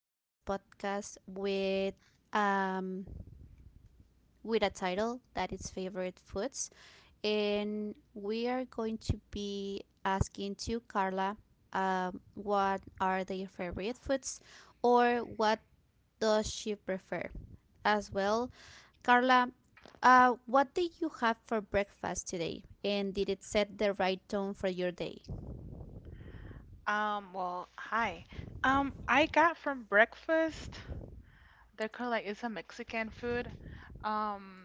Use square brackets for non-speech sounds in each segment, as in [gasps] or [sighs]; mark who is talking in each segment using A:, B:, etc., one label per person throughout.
A: with this podcast um with a title that is favorite foods, and we are going to be asking to Carla what are their favorite foods or what does she prefer as well. Carla, what did you have for breakfast today, and did it set the right tone for your day?
B: Well, hi. I got from breakfast, they're called like it's a Mexican food. Um,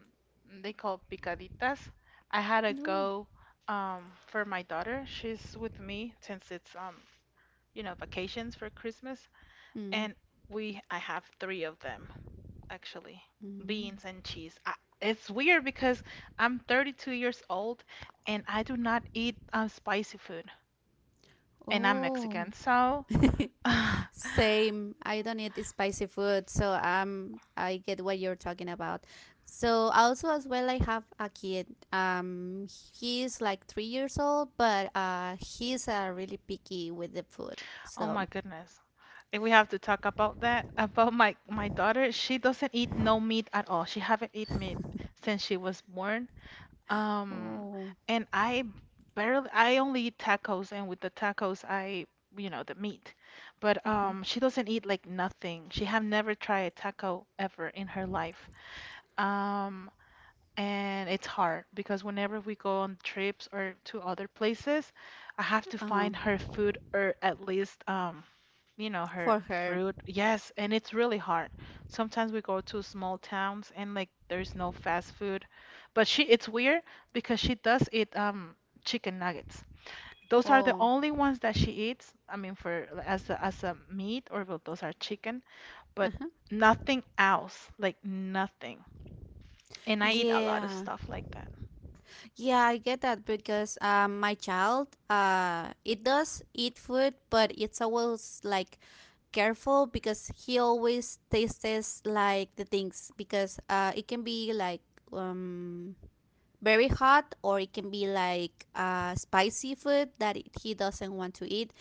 B: they call picaditas. I had a
A: No.
B: go for my daughter. She's with me since it's vacations for Christmas, and we I have three of them actually. Beans
A: Mm-hmm.
B: and cheese. It's weird because I'm 32 years old and I do not eat spicy food, and I'm
A: Oh.
B: Mexican, so
A: [laughs]
B: [laughs]
A: Same. I don't eat spicy food, so I get what you're talking about. So also as well, I have a kid. He's like 3 years old, but he's really picky with the food.
B: Oh
A: So
B: my goodness. And we have to talk about that. [laughs] About my daughter, she doesn't eat no meat at all. She haven't eat meat since she was born. Um,
A: oh,
B: and I only eat tacos, and with the tacos I, you know, the meat. But
A: [laughs] mhm.
B: she doesn't eat like nothing. She have never tried a taco ever in her life. Um and it's hard because whenever we go on trips or to other places, I have to
A: Uh,
B: find her food, or at least her
A: for her.
B: fruit. Yes, and it's really hard. Sometimes we go to small towns and like there's no fast food. But she, it's weird because she does eat chicken nuggets. Those are the
A: Oh,
B: only ones that she eats. I mean, for as a meat, or well, those are chicken, but
A: uh-huh.
B: nothing else, like nothing. And I eat a lot of
A: Yeah.
B: stuff like that.
A: Yeah, I get that because my child, it does eat food, but it's always like careful because he always tastes like the things because it can be like um very hot or it can be like spicy food that he doesn't want to eat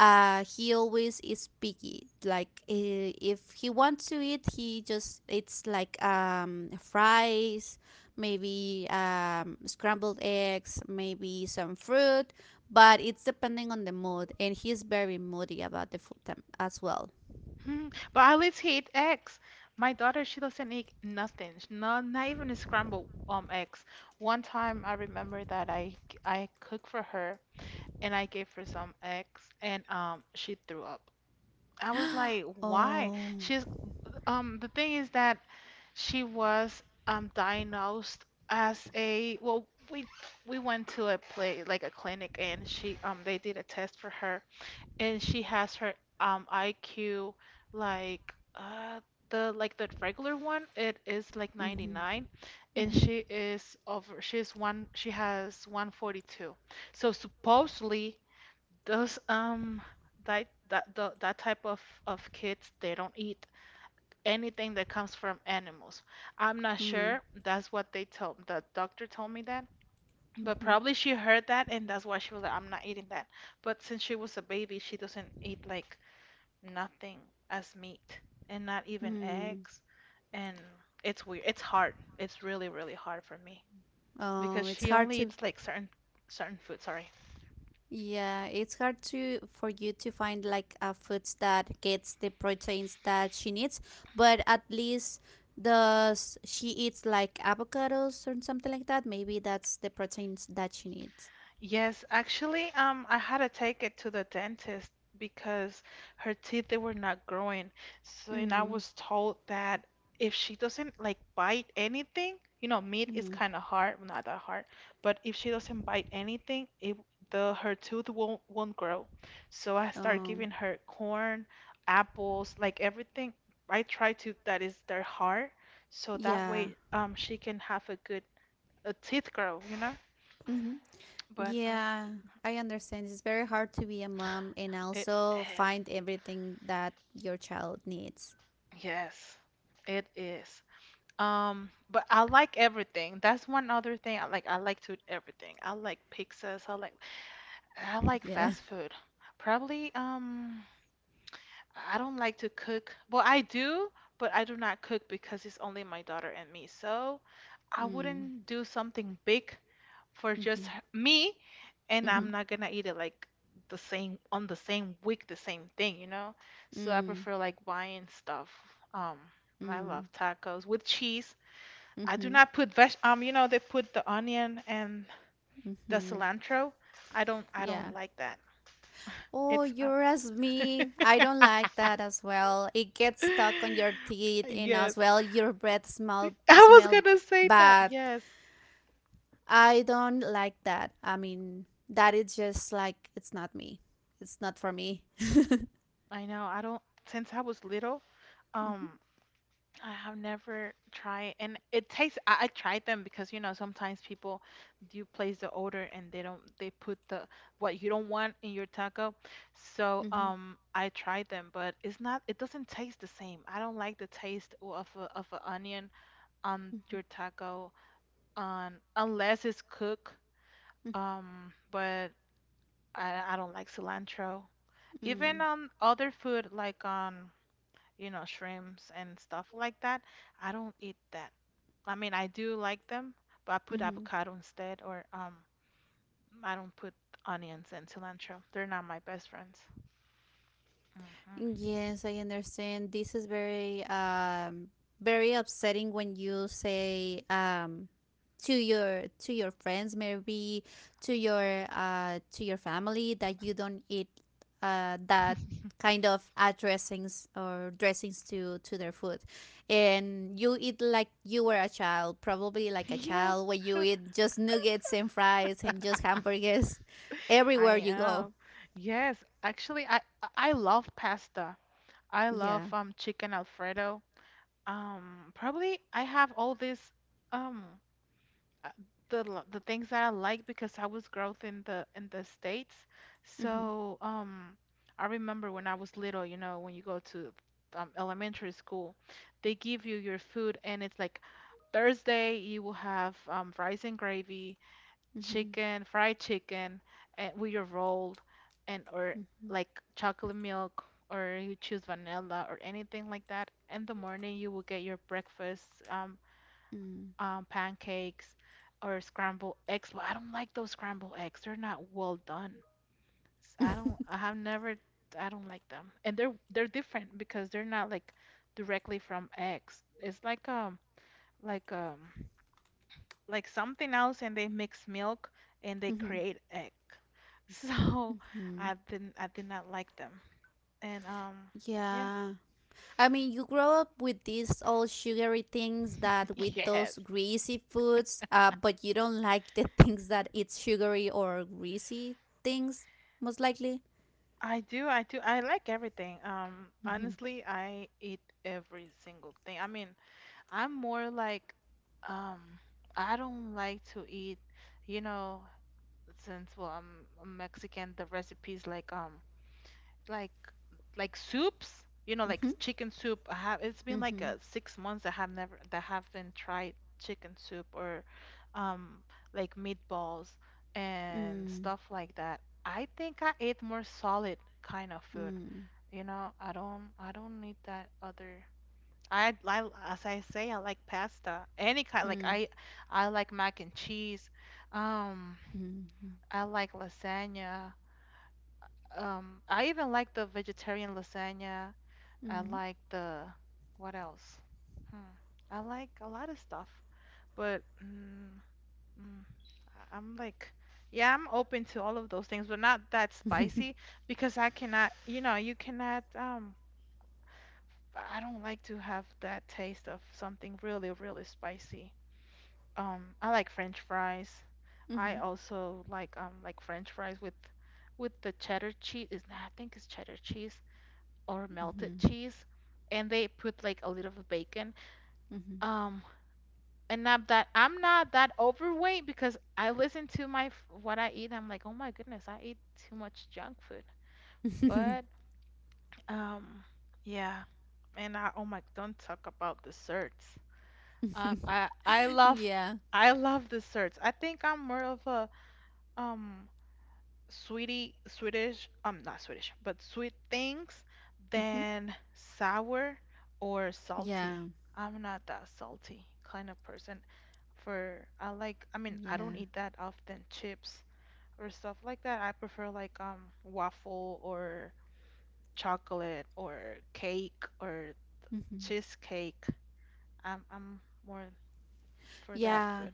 A: he always is picky like if he wants to eat he just it's like fries maybe scrambled eggs maybe some fruit but it's depending on the mood and he's very moody about the food as well.
B: [laughs] Mhm. But I always hate eggs. My daughter, she doesn't eat nothing. Not even a scrambled eggs. One time I remember that I cooked for her, and I gave her some eggs and she threw up. I was like, why?
A: Oh,
B: She's the thing is that she was diagnosed as a, well, we we went to a play like a clinic, and she they did a test for her, and she has her IQ, like the like the regular one, it is like
A: mm-hmm,
B: 99, and
A: mm-hmm,
B: she is over, she has 142. So supposedly those that type of kids, they don't eat anything that comes from animals. I'm not
A: mm-hmm,
B: sure, that's what they told, the doctor told me that. But probably she heard that, and that's why she was like, I'm not eating that. But since she was a baby, she doesn't eat like nothing as meat, and not even
A: mm-hmm.
B: eggs. And it's weird. It's hard. It's really, really hard for me
A: Oh,
B: because
A: it's
B: she
A: hard
B: only
A: to.
B: eats like certain food. Sorry.
A: Yeah, it's hard to for you to find like a foods that gets the proteins that she needs, but at least does she eats like avocados or something like that? Maybe that's the proteins that she needs.
B: Yes, actually, I had to take it to the dentist because her teeth, they were not growing. So, and I
A: Mm.
B: was told that if she doesn't like bite anything, you know, meat is
A: Mm.
B: kind of hard, well, not that hard, but if she doesn't bite anything, it the her tooth won't grow. So I start
A: Um.
B: giving her corn, apples, like everything. I try to, that is their heart, so that
A: Yeah.
B: way she can have a good a teeth grow, you know.
A: Mm-hmm.
B: But
A: Yeah. I understand. It's very hard to be a mom and
B: It
A: also
B: is.
A: find everything that your child needs.
B: Yes, it is. But I like everything. That's one other thing I like. I like to eat everything. I like pizzas. I like
A: Yeah. [laughs]
B: fast food. Probably, I don't like to cook. Well, I do, but I do not cook because it's only my daughter and me. So I
A: Mm.
B: wouldn't do something big for just
A: Mm-hmm.
B: me, and
A: Mm-hmm.
B: I'm not gonna eat it like the same on the same week, the same thing, you know? So I
A: Mm.
B: prefer like buying stuff. Um, I
A: Mm.
B: love tacos with cheese. I do
A: Mm-hmm.
B: not put they put the onion and the
A: Mm-hmm.
B: cilantro. I don't
A: Yeah.
B: like that.
A: Oh,
B: It's
A: you're as me. I don't like that as well. It gets stuck on
B: [laughs]
A: your teeth and
B: yes.
A: as well your breath smell
B: I was
A: smell
B: gonna say that.
A: bad.
B: Yes.
A: I don't like that. I mean, that is just like it's not me. It's not for me. [laughs]
B: I know. I don't Since I was little, um I have never tried, and it tastes. I tried them because you know sometimes people do place the order, and they don't they put the what you don't want in your taco. So
A: Mm-hmm.
B: I tried them, but it's not. It doesn't taste the same. I don't like the taste of an onion on
A: Mm-hmm.
B: your taco, on unless it's cooked. But I don't like cilantro. Even
A: Mm-hmm.
B: on other food like on you know, shrimps and stuff like that. I don't eat that. I mean, I do like them, but I put
A: Mm-hmm.
B: avocado instead, or I don't put onions and cilantro. They're not my best friends. Hmm
A: Yes, I understand. This is very very upsetting when you say to your friends, maybe to your family that you don't eat that kind of add dressings or dressings to their food and you eat like you were a child probably
B: [laughs]
A: like a
B: Yes,
A: child when you eat just nuggets and fries and just hamburgers [laughs]
B: I
A: everywhere you go.
B: am. Yes, actually, I love pasta. I love
A: Yeah,
B: chicken Alfredo. Probably I have all these. Um, uh, the things that I like, because I was growth in the States.
A: mm-hmm.
B: So, I remember when I was little, you know, when you go to elementary school, they give you your food, and it's like Thursday you will have rice and gravy,
A: Mm-hmm.
B: chicken, fried chicken, and with your roll, and or
A: Mm-hmm.
B: like chocolate milk, or you choose vanilla or anything like that. In the morning you will get your breakfast,
A: Mm.
B: pancakes or scrambled eggs, but I don't like those scrambled eggs. They're not well done.
A: [laughs]
B: I have never, I don't like them. And they're different because they're not like directly from eggs. It's like like um something else, and they mix milk and they
A: Mhm.
B: create egg. [laughs] So
A: Mhm.
B: I did not like them. And yeah.
A: Yeah. I mean, you grow up with these all sugary things that with
B: [laughs] Yes.
A: those greasy foods, but you don't like the [laughs] things that it's sugary or greasy things, most likely.
B: I do. I like everything.
A: Mhm.
B: Honestly, I eat every single thing. I mean, I'm more like, um, I don't like to eat, you know, since well, I'm Mexican, the recipes like like soups, you know, like
A: Mhm.
B: chicken soup. I have it's been like
A: Mhm.
B: 6 months I have never that haven't tried chicken soup or um like meatballs and
A: Mm.
B: stuff like that. I think I ate more solid kind of food.
A: Mm.
B: You know, I don't need that other I, as I say, I like pasta. Any kind, like I like mac and cheese. Um,
A: Mm.
B: I like lasagna. I even like the vegetarian lasagna.
A: Mhm. Mhm.
B: I
A: Mhm.
B: like the what else? Hmm. I like a lot of stuff, but mm, I'm like, yeah, I'm open to all of those things, but not that spicy
A: [laughs]
B: because I cannot, you know, you cannot. I don't like to have that taste of something really, really spicy. I like French fries. I also like French fries with the cheddar cheese. Is nah, I think it's cheddar cheese or melted
A: Mhm.
B: cheese, and they put like a little of bacon.
A: Mhm.
B: Um, and not that I'm not that overweight because I listen to what I eat. I'm like, oh my goodness, I eat too much junk food.
A: Mhm.
B: But
A: [laughs]
B: um, yeah, and I oh my, don't talk about desserts. Um, I I love
A: Yeah.
B: I love desserts. I think I'm more of a um sweetie Swedish not Swedish but sweet things
A: Mhm.
B: than sour or salty.
A: Yeah.
B: I'm not that salty kind of person for I like I mean I don't
A: Yeah.
B: eat that often chips or stuff like that. I prefer like waffle or chocolate or cake or
A: Mhm.
B: cheesecake. I'm more for that
A: Yeah.
B: food.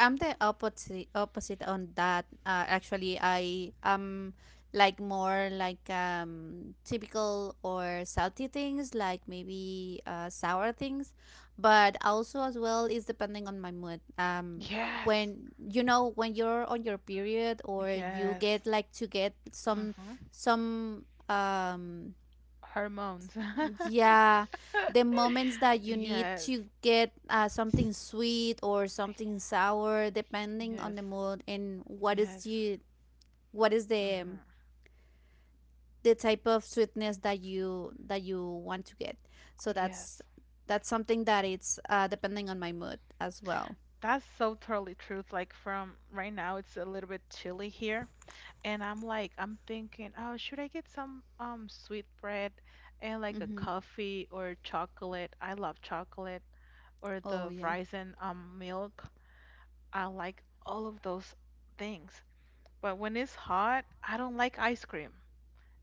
A: I'm the opposite on that. Actually, I am like more like typical or salty things, like maybe sour things, but also as well is depending on my mood.
B: Yes.
A: When you know when you're on your period or you
B: Yes.
A: get like to get
B: hmm
A: some
B: Hormones.
A: yeah, the moments that
B: [laughs]
A: you need
B: Yes.
A: to get
B: S-
A: something sweet or something sour, depending
B: Yes,
A: on the mood and what is
B: yes,
A: the
B: Mm-hmm.
A: the type of sweetness that you want to get. So
B: yes.
A: that's something that it's depending on my mood as well.
B: That's so totally truth. Like from right now, it's a little bit chilly here, and I'm like, I'm thinking, oh, should I get some sweet bread and like a
A: Mm-hmm.
B: coffee or chocolate? I love chocolate or
A: Oh
B: the
A: yeah.
B: Raisin milk. I like all of those things. But when it's hot, I don't like ice cream.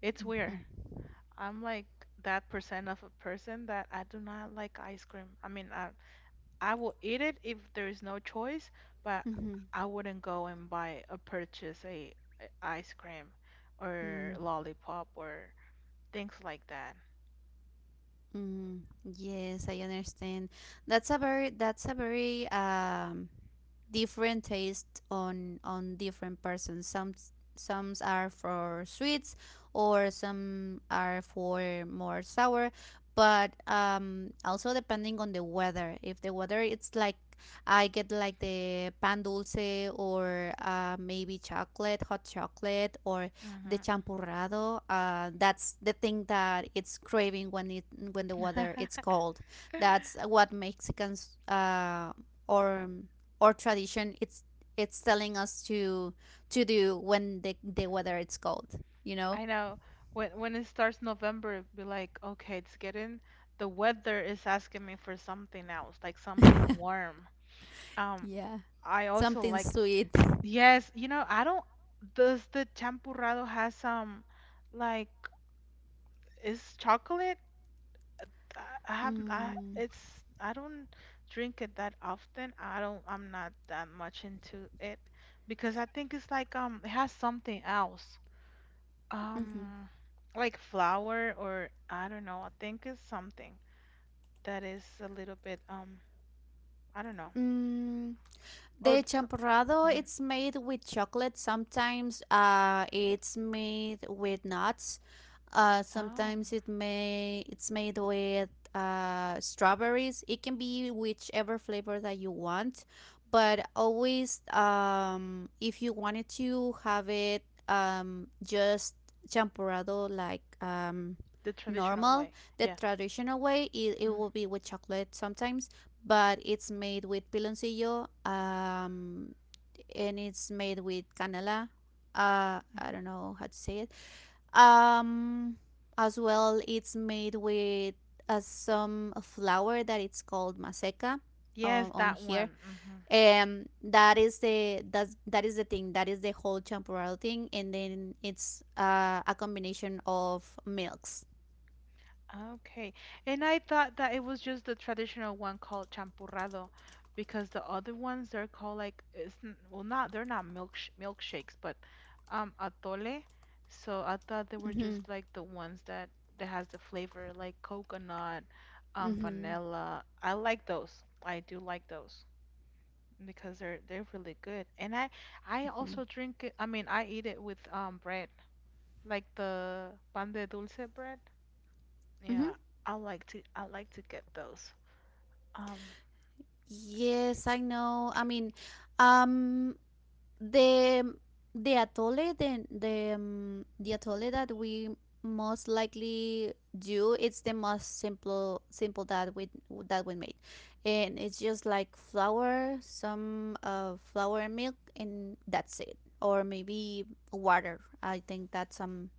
B: It's weird.
A: Mm-hmm.
B: I'm like that percent of a person that I do not like ice cream. I mean, I will eat it if there is no choice, but
A: Mm-hmm.
B: I wouldn't go and buy or purchase a ice cream
A: Mm-hmm.
B: or lollipop or things like that.
A: Mm, yes, I understand. That's a very different taste on different persons. Some are for sweets or some are for more sour, but also depending on the weather. If the weather it's like I get like the pan dulce or maybe chocolate, hot chocolate or the
B: Hmm
A: champurrado that's the thing that it's craving when it when the weather it's
B: [laughs]
A: cold, that's what mexicans or or tradition it's telling us to do when the weather it's cold, you know.
B: I know. When it starts November, it'd be like, okay, it's getting the weather is asking me for something else, like something
A: [laughs]
B: warm. Um,
A: Yeah,
B: I also
A: something
B: like
A: sweet.
B: yes, you know, I don't does the champurrado has some like is chocolate? I have I
A: Mm,
B: it's I don't drink it that often. I'm not that much into it because I think it's like it has something else.
A: mhm.
B: Um like flour or I don't know. I think it's something that is a little bit I don't know.
A: Mm.
B: Or
A: The
B: s-
A: champurrado,
B: mhm.
A: it's made with chocolate. Sometimes it's made with nuts.
B: Oh,
A: Sometimes it may it's made with strawberries. It can be whichever flavor that you want, but always if you wanted to have it just champurrado like
B: the traditional
A: normal,
B: way.
A: the
B: Yeah.
A: traditional way, it
B: hmm
A: will be with chocolate sometimes but it's made with piloncillo and it's made with canela. I don't know how to say it. Um, as well, it's made with some flour that it's called maseca
B: Yes,
A: on
B: that
A: here.
B: one. Mm-hmm.
A: That is that is the thing. That is the whole champurrado thing, and then it's a combination of milks.
B: Okay. And I thought that it was just the traditional one called champurrado because the other ones they're called like well not they're not milkshakes, but atole. So I thought they were
A: Mm-hmm.
B: just like the ones that that has the flavor like coconut,
A: Mm-hmm.
B: vanilla. I like those. I do like those because they're really good. And I
A: Mm-hmm.
B: also drink it, I mean I eat it with bread, like the pan de dulce bread. Yeah,
A: Mm-hmm.
B: I like to get those. Um,
A: Yes, I know. I mean, um, the the atole, the atole that we most likely do, it's the most simple that we made, and it's just like flour, some flour and milk, and that's it. Or maybe water. I think that some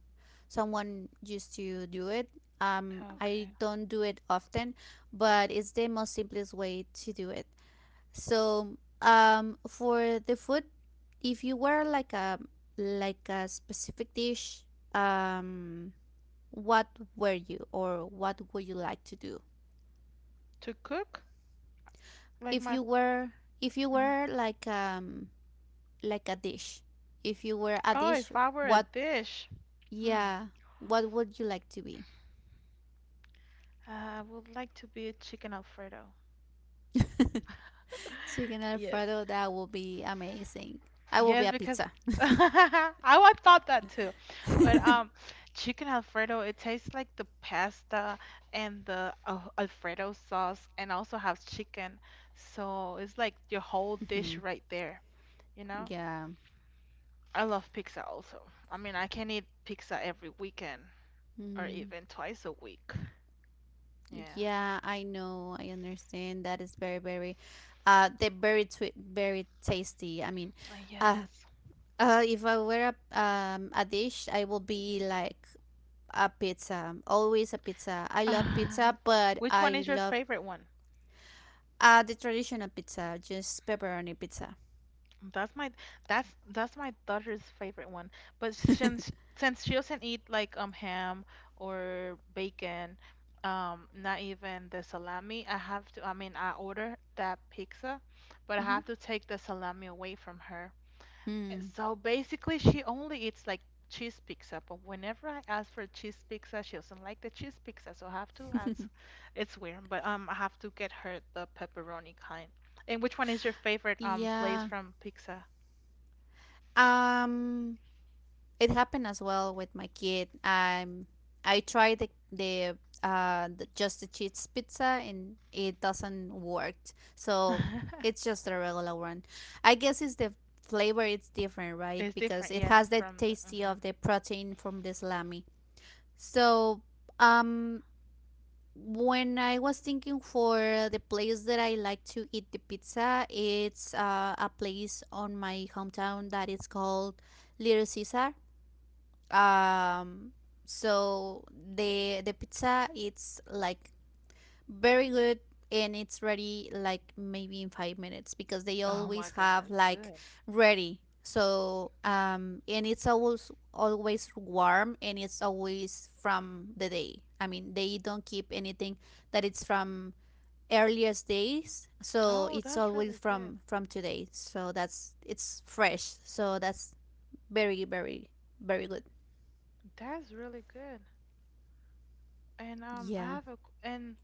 A: someone used to do it. I
B: Okay.
A: don't do it often, but it's the most simplest way to do it. So, for the food, if you were like a specific dish, um, what were you or what would you like to do?
B: To cook? Like
A: If
B: my
A: you were if you
B: mhm.
A: were like a dish, if you were a
B: Oh,
A: dish,
B: if I were a
A: what
B: dish, hmm,
A: yeah, what would you like to be? [laughs]
B: I would like to be a chicken Alfredo.
A: Chicken
B: Yes.
A: Alfredo, that will be amazing. I will be
B: Yes,
A: a
B: because
A: pizza.
B: [laughs] thought that too.
A: [laughs]
B: But chicken Alfredo, it tastes like the pasta and the Alfredo sauce and also has chicken. So it's like your whole dish
A: Mhm.
B: right there, you know?
A: Yeah.
B: I love pizza also. I mean, I can eat pizza every weekend or
A: Mm.
B: even twice a week. Yeah.
A: Yeah, I know. I understand. That is very, very, they're very, very tasty. I mean, uh,
B: Yes.
A: if I were a dish, I will be like a pizza. Always a pizza. I love
B: Uh,
A: pizza,
B: [sighs]
A: but
B: which one
A: I
B: is your
A: love
B: favorite one?
A: the traditional pizza, just pepperoni pizza.
B: That's my that's that's my daughter's favorite one. But since she doesn't eat like ham or bacon, not even the salami, I have to I mean I order that pizza, but I have to take the salami away from her. And
A: Mm-hmm.
B: so basically, she only eats like cheese pizza, but whenever I ask for cheese pizza, she doesn't like the cheese pizza, so I have to
A: Hmm.
B: ask. It's weird, but I have to get her the pepperoni kind. And which one is your favorite
A: [laughs]
B: place
A: Yeah.
B: from pizza?
A: Um. It happened as well with my kid. I tried the just the cheese pizza and it doesn't work. So it's
B: [laughs]
A: just a regular one. I guess it's the flavor it's different, right?
B: It's
A: Because
B: different,
A: it
B: yes,
A: has the
B: from the.
A: tasty
B: Mhm.
A: of the protein from the salami. So um when I was thinking for the place that I like to eat the pizza, it's a place on my hometown that is called Little Caesar, um so the pizza it's like very good and it's ready like maybe in 5 minutes because they
B: Oh my
A: always have
B: goodness,
A: like
B: good.
A: ready so um, and it's always always warm and it's always from the day. I mean, they don't keep anything that it's from earliest days, so
B: Oh,
A: it's
B: that's
A: always
B: really good.
A: from today, so that's it's fresh, so that's very very very good.
B: That's really good. And I
A: Yeah.
B: have a q- and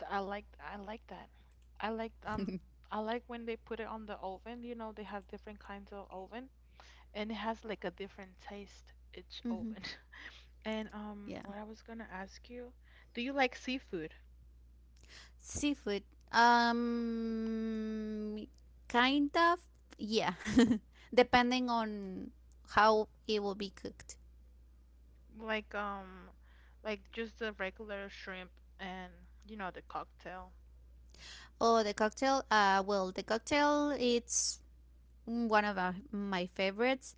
B: I like that. I like um
A: [laughs]
B: I like when they put it on the oven. You know, they have different kinds of oven and it has like a different taste each
A: Mm-hmm.
B: oven. [laughs] And
A: Yeah.
B: what I was gonna ask you, do you like seafood?
A: Seafood. Um, kind of. Yeah. [laughs] Depending on how it will be cooked.
B: Like um like just the regular shrimp and you know the cocktail.
A: Oh, the cocktail. Well, the cocktail. It's one of my favorites.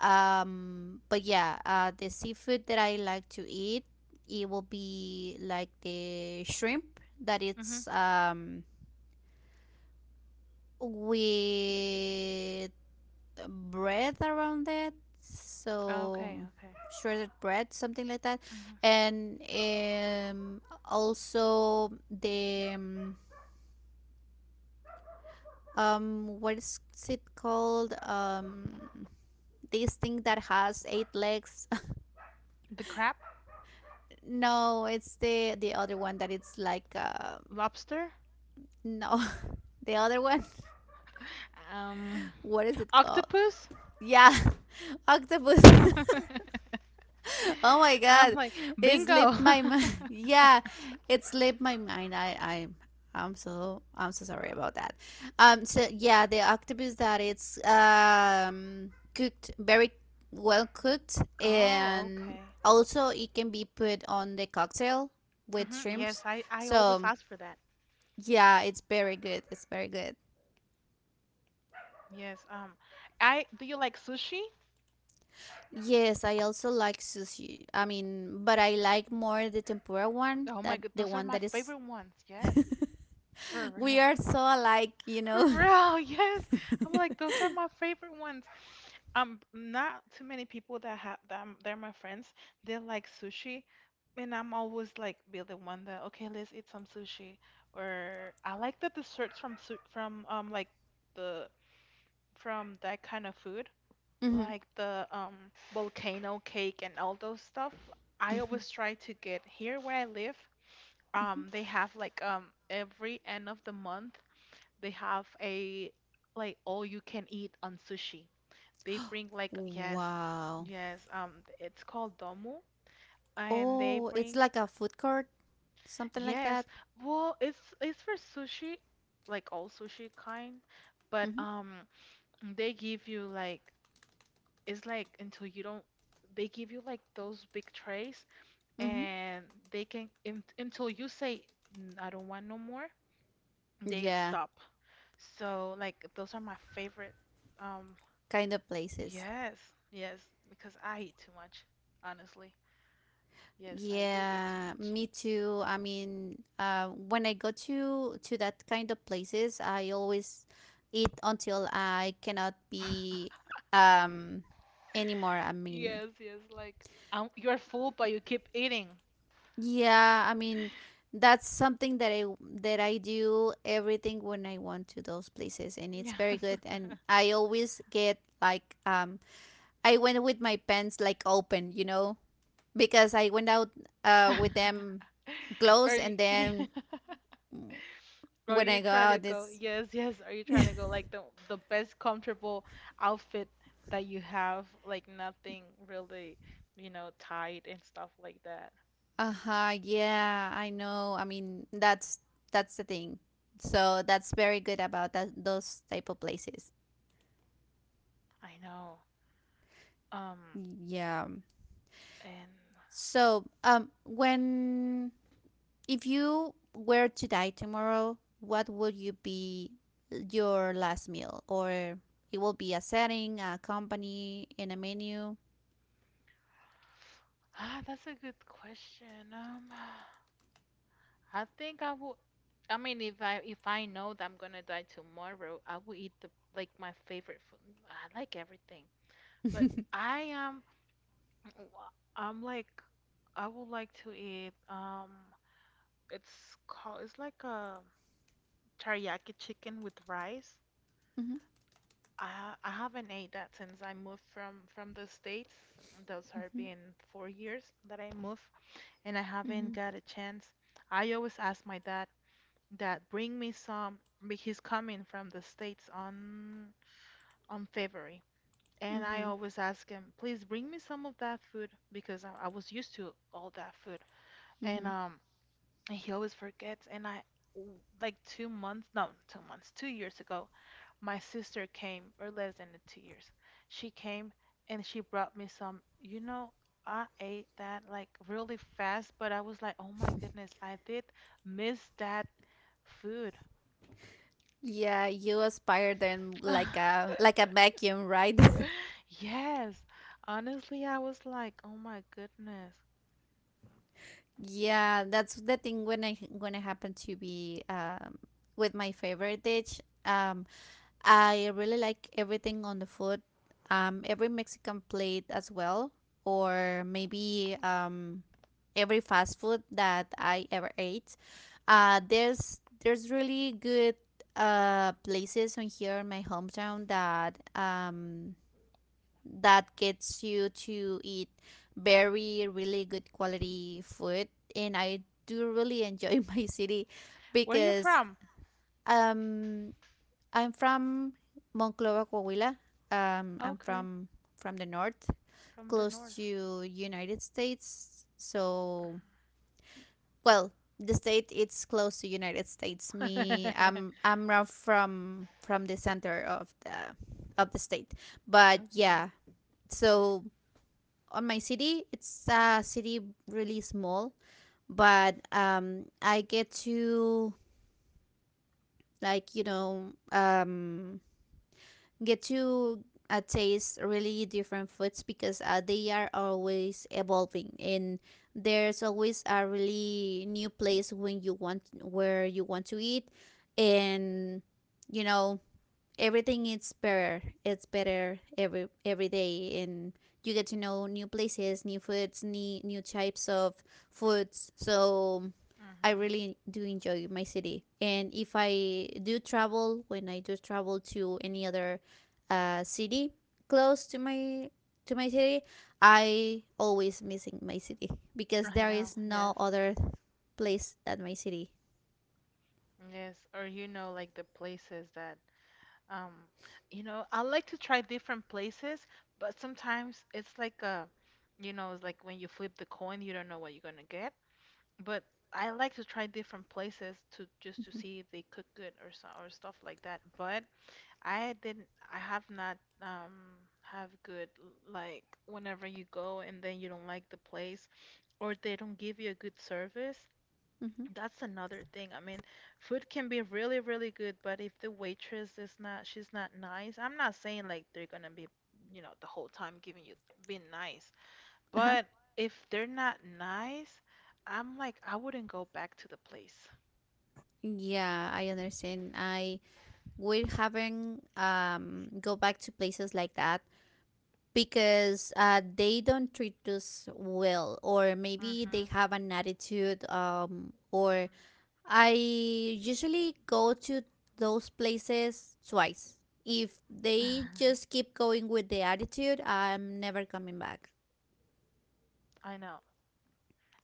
A: But yeah, the seafood that I like to eat, it will be like the shrimp that
B: Hmm.
A: it's with bread around it, so
B: Okay, okay.
A: shredded bread, something like that,
B: Hmm.
A: and also the what is it called? This thing that has eight legs.
B: The crab?
A: [laughs] No, it's the other one that it's like
B: Lobster?
A: no, [laughs] the other one. [laughs]
B: Um,
A: What is it called?
B: octopus?
A: Yeah, [laughs] octopus. [laughs]
B: [laughs]
A: Oh my
B: I'm
A: god,
B: like
A: it
B: bingo.
A: slipped my mind.
B: [laughs]
A: [laughs] Yeah, it slipped my mind. I'm so sorry about that. So yeah, the octopus that it's cooked very well cooked,
B: Oh,
A: and
B: okay.
A: also it can be put on the cocktail with
B: Mm-hmm.
A: shrimps.
B: Yes, I always
A: So
B: ask for that.
A: yeah, it's very good. It's very good.
B: Yes. I do you like sushi?
A: Yes, I also like sushi. I mean, but I like more the tempura one
B: Oh my
A: that
B: God,
A: the
B: those are
A: one
B: my
A: that is
B: favorite ones. Yes, for
A: we
B: real,
A: are so alike, you
B: for real.
A: know. [laughs]
B: [laughs] Yes, I'm like those are my favorite ones. Not too many people that have them. They're my friends. They like sushi, and I'm always like be the one that okay, let's eat some sushi. Or I like the desserts from su from like the from that kind of food.
A: Mhm,
B: Like the volcano cake and all those stuff. I
A: mhm,
B: always try to get here where I live.
A: mhm.
B: They have like every end of the month they have a like all you can eat on sushi. They bring like yes,
A: Wow.
B: yes. It's called domu, and they
A: Oh, it's
B: bring
A: like a food court, something like
B: yes.
A: that.
B: Well, it's for sushi, like all sushi kind, but
A: Mm-hmm.
B: they give you like it's like until you don't they give you like those big trays
A: Mm-hmm.
B: and they can un until you say "Mm, I don't want no more," they
A: Yeah,
B: stop. So like those are my favorite. Um,
A: kind of places.
B: yes, yes, because I eat too much, honestly. Yes, I do eat too
A: Yeah,
B: much.
A: me too. I mean, when I go to that kind of places, I always eat until I cannot
B: [laughs]
A: be um anymore. I mean,
B: Yes, yes, like you're full, but you keep eating.
A: yeah, I mean that's something that I do everything when I want to those places and
B: [laughs]
A: it's very
B: Yes.
A: good and I always get like um, I went with my pants like open, you know, because I went out with them
B: [laughs] Or
A: closed and
B: you,
A: then
B: [laughs] are
A: when
B: you
A: I go
B: trying to
A: out
B: go?
A: it's
B: Yes, yes. Are you trying to go like the best comfortable outfit that you have, like nothing really, you know, tight and stuff like that.
A: uh-huh, yeah, I know. I mean that's the thing. So that's very good about that those type of places.
B: I know. Um,
A: Yeah.
B: and
A: So, when if you were to die tomorrow, what would you be your last meal? Or it will be a setting, a company, in a menu.
B: ah, that's a good question. [sighs] I think I will. I mean, if I know that I'm gonna die tomorrow, I will eat the like my favorite food. I like everything, but
A: [laughs]
B: I am. I'm like I would like to eat. It's called, it's like a teriyaki chicken with rice.
A: Mhm,
B: I haven't ate that since I moved from the States. Those are
A: mhm,
B: been 4 years that I moved, and I haven't
A: mhm,
B: got a chance. I always ask my dad that bring me some, but he's coming from the States on February, and I
A: mhm,
B: always ask him, please bring me some of that food because I was used to all that food. And
A: mhm.
B: um, and he always forgets. And w- like 2 months, no, 2 months, 2 years ago, my sister came, or less than the 2 years, she came and she brought me some. You know, I ate that like really fast, but I was like, oh my goodness, I did miss that food. [laughs]
A: Yeah, you aspire them like a vacuum, right? [laughs]
B: Yes, honestly, I was like, oh my goodness.
A: Yeah, that's the thing when I happen to be with my favorite dish. I really like everything on the food. Every Mexican plate as well, or maybe every fast food that I ever ate. There's really good places on here in my hometown that that gets you to eat very really good quality food, and I do really enjoy [laughs] my city
B: Where are you
A: because
B: from?
A: um I'm from Monclova, Coahuila. Um, I'm
B: Okay,
A: from from the north,
B: from the
A: close
B: north.
A: to United States. So, well, the state it's close to United States.
B: [laughs]
A: Me,
B: Okay.
A: from the center of the state. But yeah, so on my city, it's a city really small, but I get to, like, get to taste really different foods because they are always evolving, and there's always a really new place when you want where you want to eat, and you know, everything is better. It's better every day, and you get to know new places, new foods, new types of foods. So I
B: Mm-hmm.
A: really do enjoy my city, and if I do travel, when I do travel to any other city close to my city, I always missing my city because
B: I
A: there
B: know,
A: is no
B: yes.
A: other place than my city.
B: Yes, or you know, like the places that, um, you know, I like to try different places, but sometimes it's like a, you know, it's like when you flip the coin, you don't know what you're gonna get. But I like to try different places to just to
A: hmm
B: see if they cook good or so or stuff like that. But I didn't, I have not, have good like whenever you go and then you don't like the place or they don't give you a good service.
A: hmm
B: That's another thing. I mean, food can be really, really good, but if the waitress is not, she's not nice. I'm not saying like they're gonna be, you know, the whole time giving you being nice,
A: uh-huh.
B: but if they're not nice, I'm like, I wouldn't go back to the place.
A: Yeah, I understand. I We haven't go back to places like that because they don't treat us well, or maybe they
B: Mm-hmm.
A: have an attitude or I usually go to those places twice. If they
B: Mm-hmm.
A: just keep going with the attitude, I'm never coming back.
B: [laughs] I know.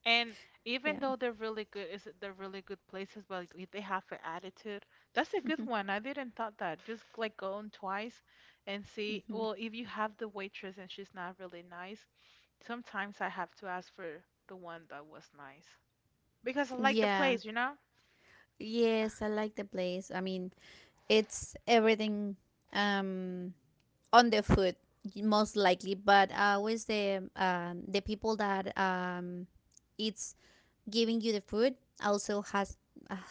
B: And
A: Yeah.
B: even though they're really good, is it they're really good places, but if they have an attitude. That's a good
A: hmm
B: one. I didn't thought that. Just like go on twice and see.
A: hmm
B: Well, if you have the waitress and she's not really nice, sometimes I have to ask for the one that was nice because I like the
A: yeah,
B: place, you know?
A: yes, I like the place. I mean, it's everything, um on the food most likely, but always the people that it's giving you the food also has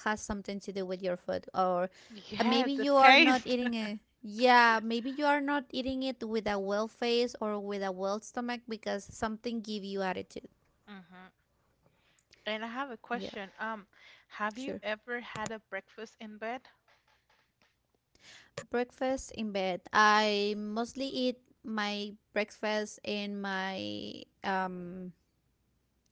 A: something to do with your food. Or maybe
B: Yes, the
A: you are not
B: taste.
A: eating
B: [laughs]
A: a maybe you are not eating it with a well face or with a well stomach because something give you attitude.
B: Hmm. And I have a
A: Yeah.
B: question. Have you
A: Sure.
B: ever had a breakfast in bed?
A: Breakfast in bed, I mostly eat my breakfast in my, um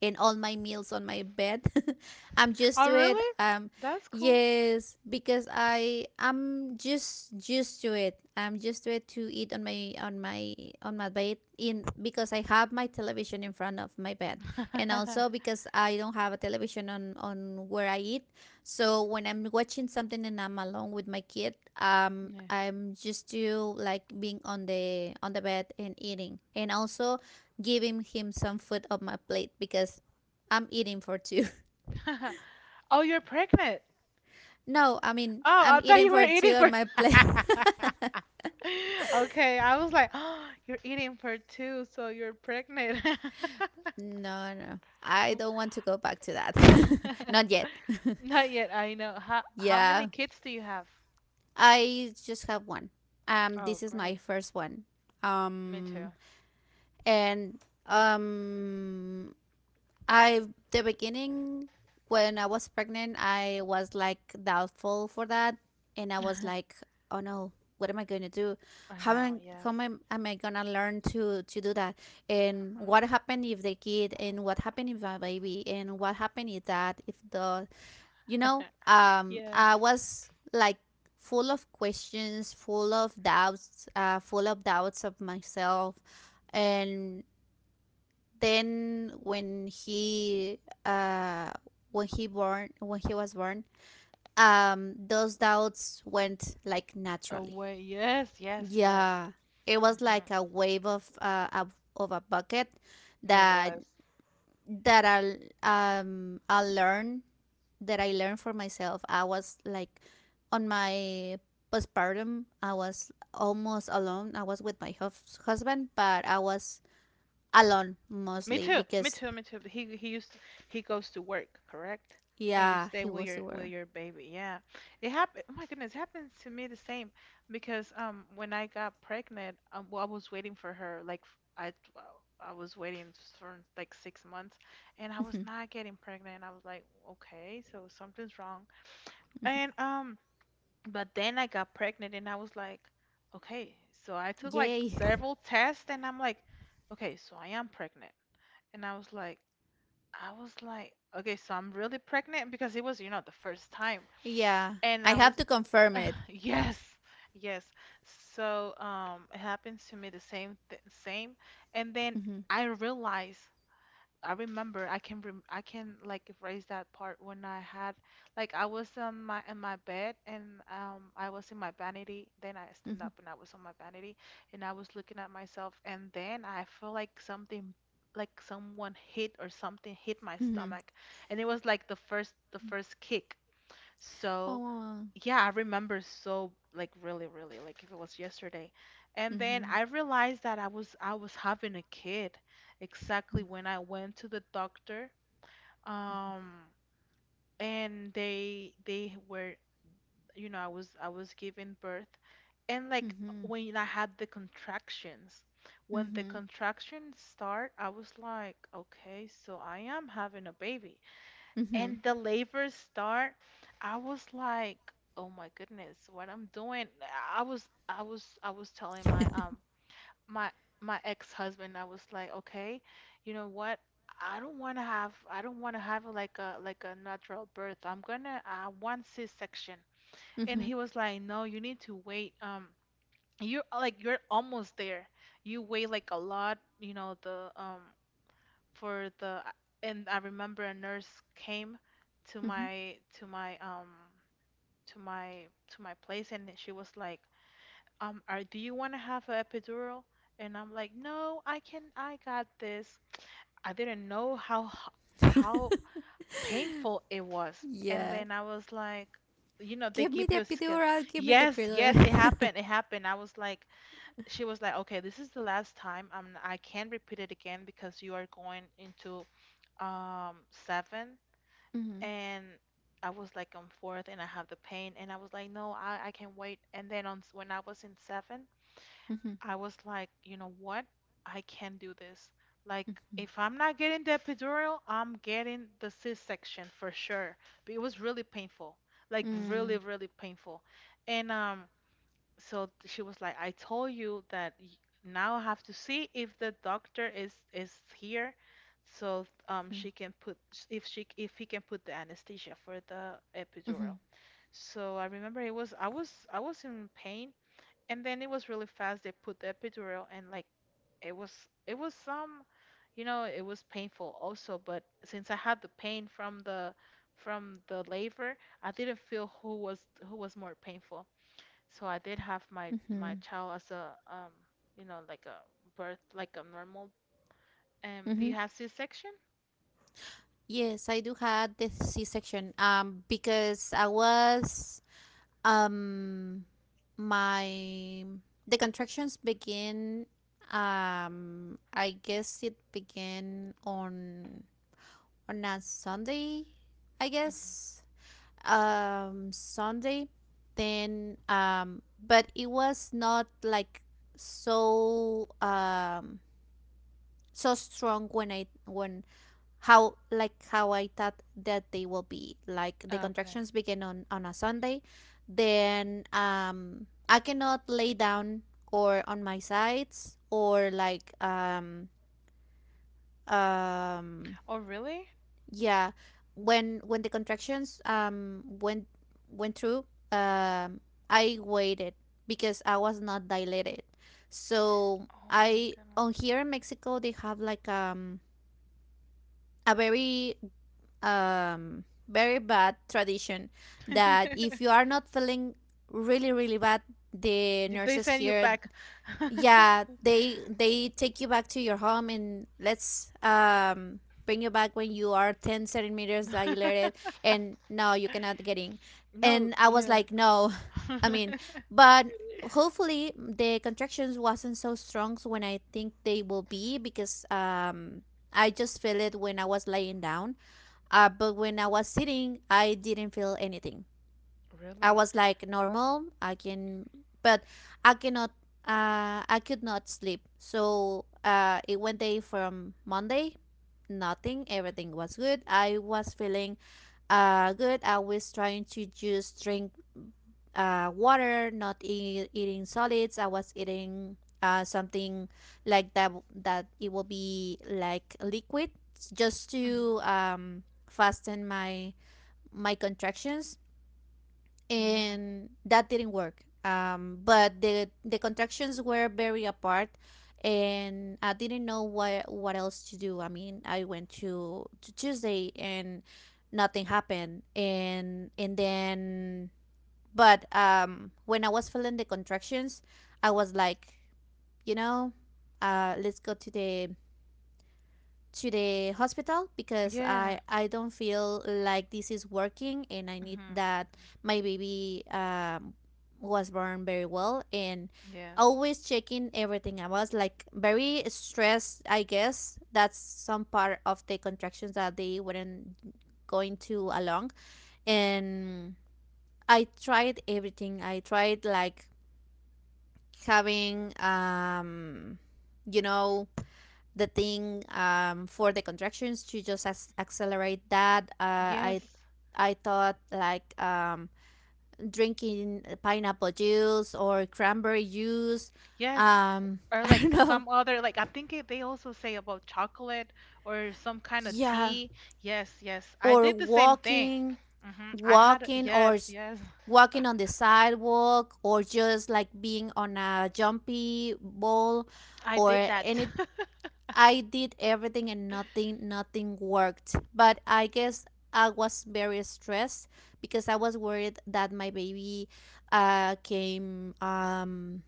A: in all my meals on my bed. [laughs] I'm used
B: Oh,
A: to it.
B: really?
A: Um,
B: That's cool.
A: yes, because I'm just used to it. I'm used to it, to eat on my on my bed, in because I have my television in front of my bed, and
B: [laughs]
A: also because I don't have a television on where I eat. So when I'm watching something and I'm alone with my kid, I'm used to, like being on the bed and eating, and also giving him some food on my plate because I'm eating for two. [laughs]
B: Yeah. [laughs] Oh, you're pregnant.
A: No, I mean,
B: Oh,
A: I'm
B: I thought
A: eating
B: you were
A: for two
B: eating
A: on
B: for.
A: my plate.
B: [laughs] Okay, I was like, [gasps] oh, you're eating for two, so you're pregnant.
A: [laughs] No, no, I don't want to go back to that. [laughs] Not yet.
B: [laughs]
A: [laughs]
B: Not yet, I know. How many
A: Yeah.
B: kids do you have?
A: I just have one.
B: Oh,
A: This is my
B: great.
A: first one.
B: Me too.
A: Um and um I the beginning, when I was pregnant, I was like doubtful for that, and I was
B: [laughs]
A: like, "Oh no, what am I going to do?
B: I
A: How
B: know,
A: am
B: yes.
A: how am, am I gonna learn to do that? And what
B: Hmm.
A: happened if the kid? And what happened if my baby? And what happened if that? If the, you know,
B: Yeah.
A: I was like full of questions, full of doubts of myself, and then uh when he born when he was born, those doubts went like naturally.
B: Away, yes, yes, yes.
A: Yeah, it was
B: Hmm.
A: like a wave of of a bucket
B: It
A: that
B: was.
A: I I'll learn that I learned for myself. I was like, on my postpartum, I was almost alone. I was with my husband, but I was alone
B: Me
A: mostly
B: too. Me
A: because,
B: too. Me too. He goes to work, correct? And you
A: yeah,
B: stay
A: he was the
B: with
A: word.
B: your baby. Yeah. It happened. Oh my goodness, it happened to me the same because when I got pregnant, well, I was waiting for her like I was waiting for like 6 months, and I was not getting pregnant. I was like, okay, so something's wrong. And but then I got pregnant, and I was like, okay. So I took like
A: Yay. [laughs]
B: several tests, and I'm like, okay, so I am pregnant. And I was like, okay, so I'm really pregnant because it was, you know, the first time.
A: Yeah,
B: And
A: I
B: I
A: have
B: was,
A: to confirm it.
B: [laughs] yes, yes. So it happens to me the same th same. And then
A: Mhm,
B: I realized I remember I can like erase that part when I had like I was on my in my bed and I was in my vanity then I stand
A: mhm,
B: up and I was on my vanity and I was looking at myself and then I feel like something like someone hit or something hit my
A: mhm.
B: stomach and it was like the first kick so,
A: Oh.
B: yeah, I remember so like really, really like if it was yesterday. And then
A: mhm,
B: I realized that I was having a kid exactly
A: mhm,
B: when I went to the doctor. Um, and they were, you know, I was giving birth. And like
A: mhm,
B: when I had the contractions, when the
A: mhm,
B: contractions start, I was like, okay, so I am having a baby.
A: mhm,
B: And the labor start, I was like, oh my goodness, what I'm doing. I was telling my
A: [laughs]
B: my my ex-husband, I was like, okay, you know what? I don't want to have like a natural birth. I want C-section. And
A: mhm,
B: he was like, no, you need to wait. You're like you're almost there. You weigh like a lot, you know, the for the and I remember a nurse came to
A: mhm.
B: my to my place, and she was like, are do you want to have an epidural? And I'm like, no, I got this. I didn't know how how
A: [laughs]
B: painful it was, and
A: Yeah.
B: then I was like, you know, they
A: Give me
B: give
A: the
B: you a skill.
A: epidural. Give me the
B: Yes, yes,
A: epidural. [laughs]
B: it happened. I was like, she was like, okay, this is the last time, I can't repeat it again because you are going into seven.
A: Mhm,
B: And I was like, on fourth, and I have the pain, and I was like, no, I can wait. And then on when I was in seven,
A: mhm,
B: I was like, you know what? I can do this. Like,
A: mhm,
B: if I'm not getting the epidural, I'm getting the C-section for sure. But it was really painful, like really,
A: mm,
B: really painful. And so she was like, I told you that now I have to see if the doctor is here, so
A: mhm,
B: she can put if he can put the anesthesia for the epidural.
A: mhm,
B: So I remember, it was I was I was in pain, and then it was really fast. They put the epidural, and like it was it was some, you know, it was painful also. But since I had the pain from the labor, I didn't feel who was more painful. So I did have my
A: mhm,
B: child as a, you know like a birth, like a normal. Do you
A: mhm.
B: have C-section?
A: Yes, I do had the C-section. Because I was Um, my the contractions begin. I guess it began on a Sunday. I
B: Mhm.
A: guess Sunday. Then But it was not like so um so strong when I when how like how I thought that they will be. Like the
B: Okay.
A: contractions begin on a Sunday, then I cannot lay down, or on my sides, or like um
B: Oh really?
A: yeah, when the contractions went through, um I waited because I was not dilated. So
B: Oh my
A: I
B: goodness.
A: on here in Mexico, they have like a very very bad tradition that if you
B: [laughs]
A: are not feeling really really bad, the
B: Did they
A: nurses
B: send you
A: here,
B: back?
A: yeah,
B: [laughs]
A: they take you back to your home and let's bring you back when you are 10 centimeters dilated, and no, you cannot get in.
B: No,
A: And I was
B: yeah.
A: like, no, [laughs] I mean,
B: [laughs]
A: but hopefully the contractions wasn't so strong when I think they will be because I just feel it when I was laying down. But when I was sitting, I didn't feel anything. I
B: Really?
A: was like normal. I can, but I cannot. I could not sleep. So it went day. From Monday, nothing. Everything was good. I was feeling good. I was trying to just drink water, not eat, eating solids. I was eating something like that, that it will be like liquid, just
B: Mhm.
A: to fasten my contractions,
B: Yeah.
A: and that didn't work. But the contractions were very apart, and I didn't know what else to do. I mean, I went to Tuesday and nothing happened, and then, but when I was feeling the contractions, I was like, you know, let's go to the hospital because
B: Yeah.
A: I don't feel like this is working, and I
B: Hmm,
A: need
B: hmm.
A: that my baby, was born very well and
B: Yes.
A: always checking everything. I was like very stressed. I guess that's some part of the contractions, that they weren't going to along. And I tried everything. I tried like having you know, the thing, for the contractions to just accelerate that.
B: Yes.
A: I thought like, drinking pineapple juice or cranberry juice.
B: Yes.
A: [laughs]
B: Or
A: I don't
B: like
A: know.
B: some other, like, I think it, they also say about chocolate or some kind of
A: Yeah,
B: tea. Yes, yes. I
A: or
B: did the same thing.
A: walking,
B: Hmm. I had a-
A: walking or
B: yes,
A: s-
B: yes.
A: walking on the sidewalk, or just like being on a jumpy ball,
B: I did
A: or
B: that.
A: any.
B: [laughs]
A: I did everything and nothing worked. But I guess I was very stressed because I was worried that my baby came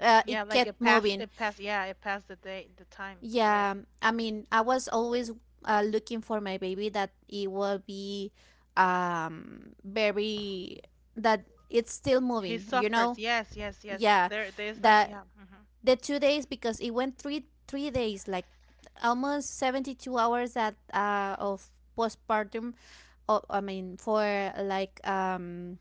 B: Yeah,
A: it
B: like
A: kept moving.
B: it passed, yeah, it passed the time, correct.
A: Yeah, I mean, I was always looking for my baby, that it will be very, that it's still
B: He
A: moving, you
B: suffers.
A: know?
B: Yes, yes, yes.
A: Yeah.
B: There's like,
A: That
B: yeah. Hmm.
A: the 2 days, because it went three days, like almost 72 hours at of postpartum. Oh, I mean, for like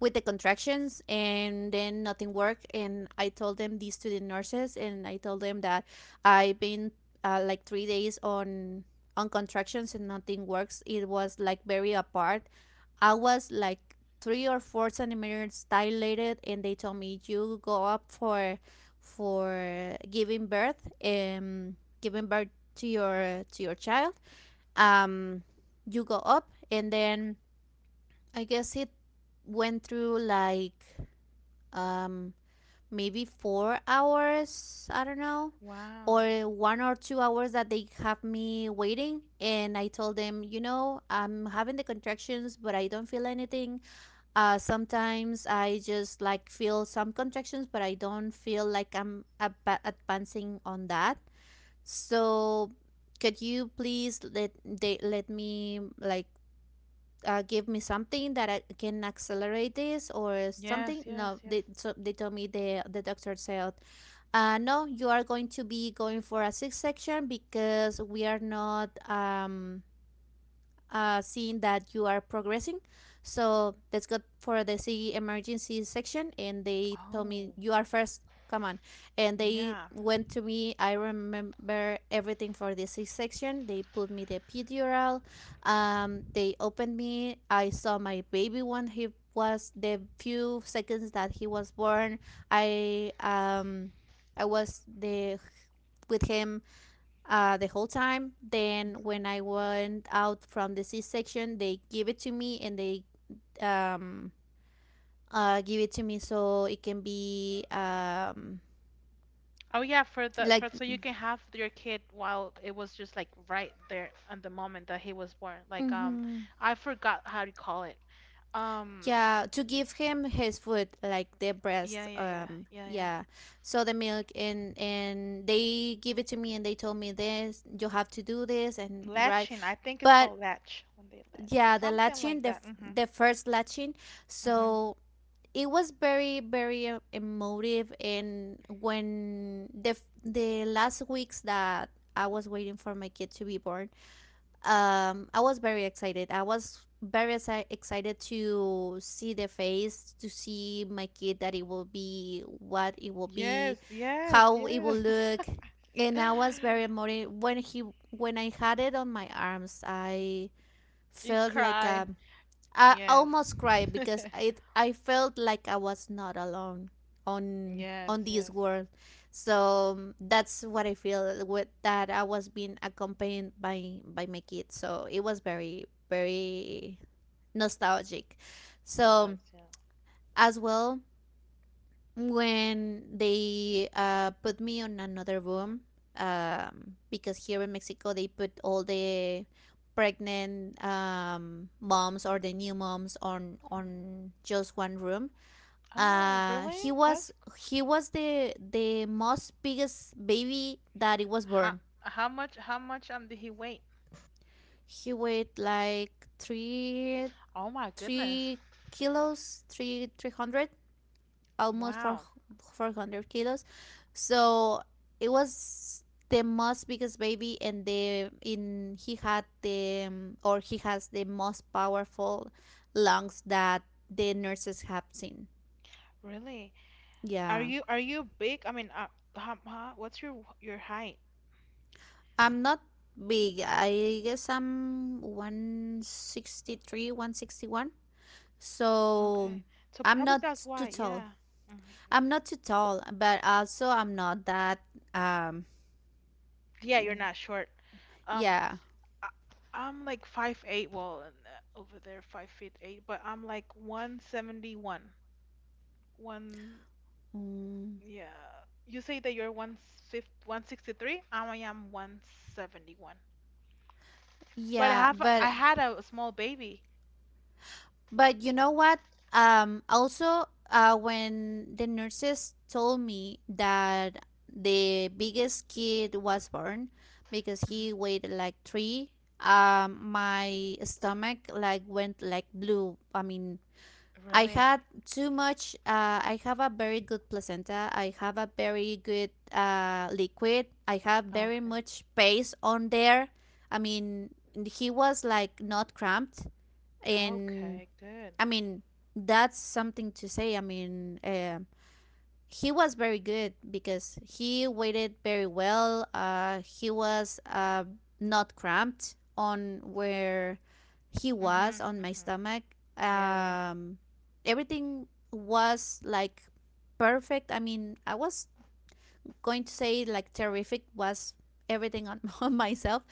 A: with the contractions, and then nothing worked. And I told them these to the nurses, and I told them that I've been, like 3 days on contractions, and nothing works. It was like very apart. I was like 3 or 4 centimeters dilated, and they told me you go up for giving birth, and giving birth to your child. Um, you go up, and then I guess it went through like um maybe 4 hours. I don't know,
B: Wow.
A: or 1 or 2 hours, that they have me waiting. And I told them, you know, I'm having the contractions but I don't feel anything. Uh, sometimes I just like feel some contractions, but I don't feel like I'm advancing on that. So, could you please let they, let me like, give me something that I can accelerate this or
B: Yes,
A: something?
B: yes,
A: No,
B: yes.
A: they, so they told me, the doctor said, no, you are going to be going for a six section because we are not seeing that you are progressing. So let's go for the CE emergency section. And they told me,
B: Oh,
A: you are first, come on. And they
B: yeah.
A: went to me. I remember everything for the C section. They put me the epidural. They opened me. I saw my baby when he was the few seconds that he was born. I um, I was the with him the whole time. Then when
B: Umbrella.
A: I went out from the C section, they give it to me and they um, give it to me so it can be
B: Oh yeah, for the
A: like
B: for so you can have your kid while it was just like right there on the moment that he was born. Like,
A: hmm
B: I forgot how to call it. Um,
A: yeah, to give him his food, like the breast,
B: yeah, yeah, yeah, yeah, yeah.
A: yeah, so the milk, and they give it to me and they told me this, you have to do this and right
B: Latching, I think it's
A: but
B: called latch, when they latch or
A: yeah, the
B: something
A: latching,
B: like that. Mhm,
A: the first latching.
B: mhm.
A: So it was very emotive. And when the last weeks that I was waiting for my kid to be born, I was very excited. I was very excited to see the face, to see my kid, that it will be what it will
B: Yes,
A: be,
B: yes,
A: how it will
B: yes.
A: look. And I was very
B: [laughs]
A: emotive when he when I had it on my arms, I
B: You
A: felt like
B: cried.
A: a, I
B: Yes,
A: almost cried because it I felt like I was not alone on
B: yes,
A: on this
B: yes.
A: world. So that's what I feel, with that I was being accompanied by my kids. So it was very nostalgic.
B: It
A: So
B: was, yeah.
A: as well, when they put me on another room, because here in Mexico they put all the pregnant, moms, or the new moms on just one room.
B: Oh,
A: Uh, he
B: really?
A: was
B: That's
A: he was the most biggest baby that it was
B: how
A: born.
B: how much did he wait?
A: He weighed like
B: Oh my goodness.
A: three kilos, three hundred, almost
B: Wow,
A: four hundred kilos. So it was the most biggest baby, and the in he had the or he has the most powerful lungs that the nurses have seen.
B: really?
A: Yeah,
B: Are you big? I mean, how, what's your height?
A: I'm not big. I guess I'm 163, 161. So
B: Okay, so
A: I'm
B: probably
A: not
B: that's
A: too
B: why.
A: tall.
B: Yeah, hmm,
A: I'm not too tall, but also I'm not that um
B: yeah, you're not short. Um,
A: yeah.
B: I, I'm like 5'8". Well, and, over there, 5 feet eight, but I'm like 171. One,
A: Mm,
B: yeah. You say that you're one fifty one sixty three. I am 171. But
A: yeah,
B: I had a small baby.
A: but you know what? Also, when the nurses told me that the biggest kid was born because
B: Mhm.
A: he weighed like three, my stomach like went like blue. I mean, I
B: Really?
A: had too much. I have a very good placenta. I have a very good liquid. I have very
B: Okay.
A: much space on there. I mean, he was like not cramped, and
B: Okay, good.
A: I mean, that's something to say. I mean, he was very good because he waited very well. He was not cramped on where he
B: Mm-hmm.
A: was on my
B: Mm-hmm.
A: stomach.
B: Yeah, yeah.
A: Um, everything was like perfect. I mean, I was going to say like terrific was everything on, [laughs] on myself,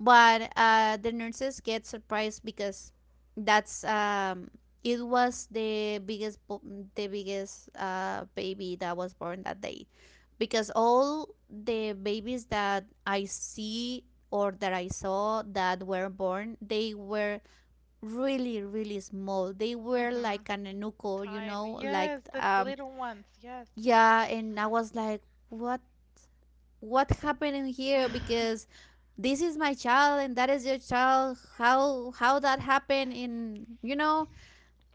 A: but the nurses get surprised because that's it was the biggest baby that was born that day, because all the babies that I see or that I saw that were born, they were really small. They were
B: Mm-hmm.
A: like an enuco, you
B: Tiny.
A: know, like
B: Yes, the little ones. Yes. [laughs]
A: yeah. And I was like, what what happened here? Because
B: [sighs]
A: this is my child and that is your child. How that happened in, you know,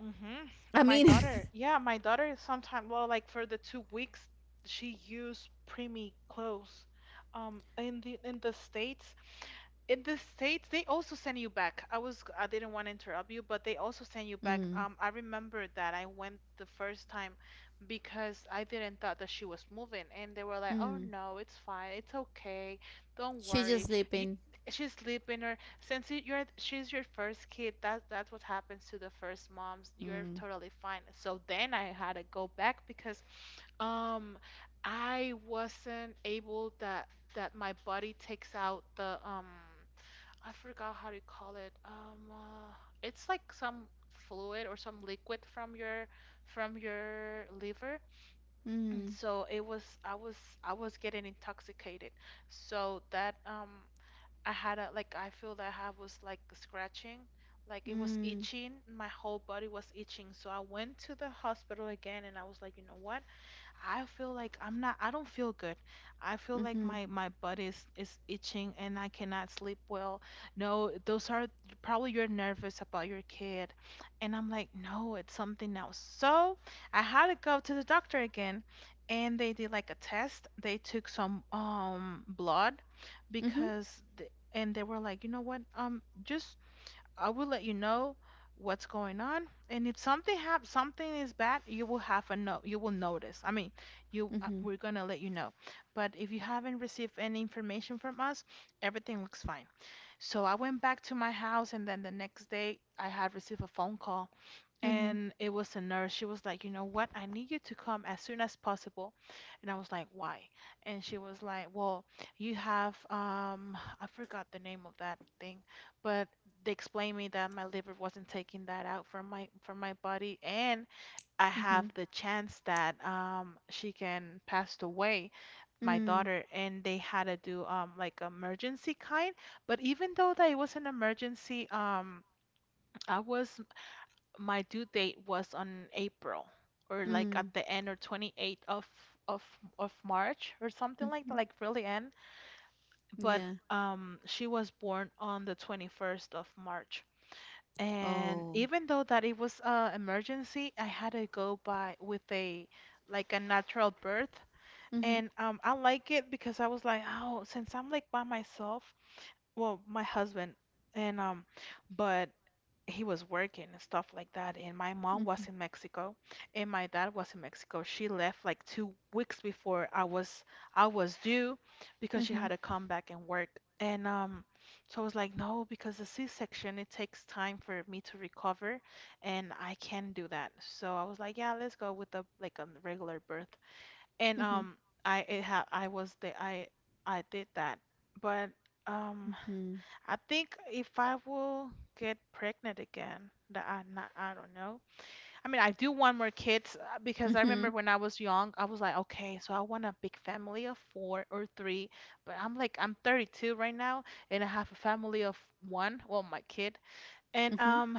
B: Mm-hmm.
A: I
B: My
A: mean.
B: daughter.
A: [laughs]
B: Yeah, my daughter sometimes, well, like for the 2 weeks, she used preemie clothes. Um, in the in the States, In the States, they also send you back. I didn't want to interrupt you, but they also send you back.
A: Mm,
B: I remember that I went the first time because I didn't thought that she was moving, and they were like, "Oh
A: mm,
B: no, it's fine, it's okay, don't
A: she's just
B: worry. You,
A: sleeping.
B: she's sleeping, or since you're, she's your first kid, that's what happens to the first moms. You're
A: Mm,
B: totally fine." So then I had to go back because um, I wasn't able that my body takes out the, I forgot how to call it. It's like some fluid or some liquid from your liver. [clears throat]
A: mm,
B: So it was I was I was getting intoxicated. So that, I feel that I was like scratching, like it was
A: mm,
B: itching. My whole body was itching. So I went to the hospital again, and I was like, you know what? I feel like, I don't feel good. I feel like
A: mm-hmm,
B: my butt is itching, and I cannot sleep well. No, those are probably you're nervous about your kid. And I'm like, "No, it's something else." So, I had to go to the doctor again, and they did like a test. They took some blood
A: mm-hmm,
B: because and they were like, "You know what? Just I will let you know what's going on. And if something is bad, you will have a no you will notice. I mean, you
A: mm-hmm,
B: we're gonna let you know. But if you haven't received any information from us, everything looks fine." So I went back to my house, and then the next day I had received a phone call,
A: mm-hmm,
B: and it was a nurse. She was like, "You know what? I need you to come as soon as possible." And I was like, "Why?" And she was like, "Well, you have I forgot the name of that thing, but they explained me that my liver wasn't taking that out from my body, and I
A: mm-hmm,
B: have the chance that, she can pass away, my
A: mm,
B: daughter, and they had to do, like emergency kind. But even though that it was an emergency, I was my due date was on April, or like
A: mm,
B: at the end, or 28th of of March or something like that,
A: mm-hmm,
B: like really end. But
A: yeah,
B: she was born on the 21st of March. And
A: oh,
B: even though that it was a emergency, I had to go by with a like a natural birth.
A: mm-hmm,
B: And, I like it because I was like, oh, since I'm like by myself, well, my husband, and but he was working and stuff like that. And my mom
A: mm-hmm,
B: was in Mexico, and my dad was in Mexico. She left like 2 weeks before I was due, because she
A: mm-hmm,
B: had to come back and work. And, so I was like, no, because the C-section, it takes time for me to recover, and I can do that. So I was like, yeah, let's go with the like a regular birth. And,
A: mm-hmm,
B: I it ha I was the I did that. But um.
A: mm-hmm,
B: I think if I will get pregnant again, that I don't know. I mean, I do want more kids, because I
A: mm-hmm,
B: remember when I was young, I was like, okay, so I want a big family of four or three. But I'm like, I'm 32 right now, and I have a family of one, well, my kid. And
A: mm-hmm,
B: um,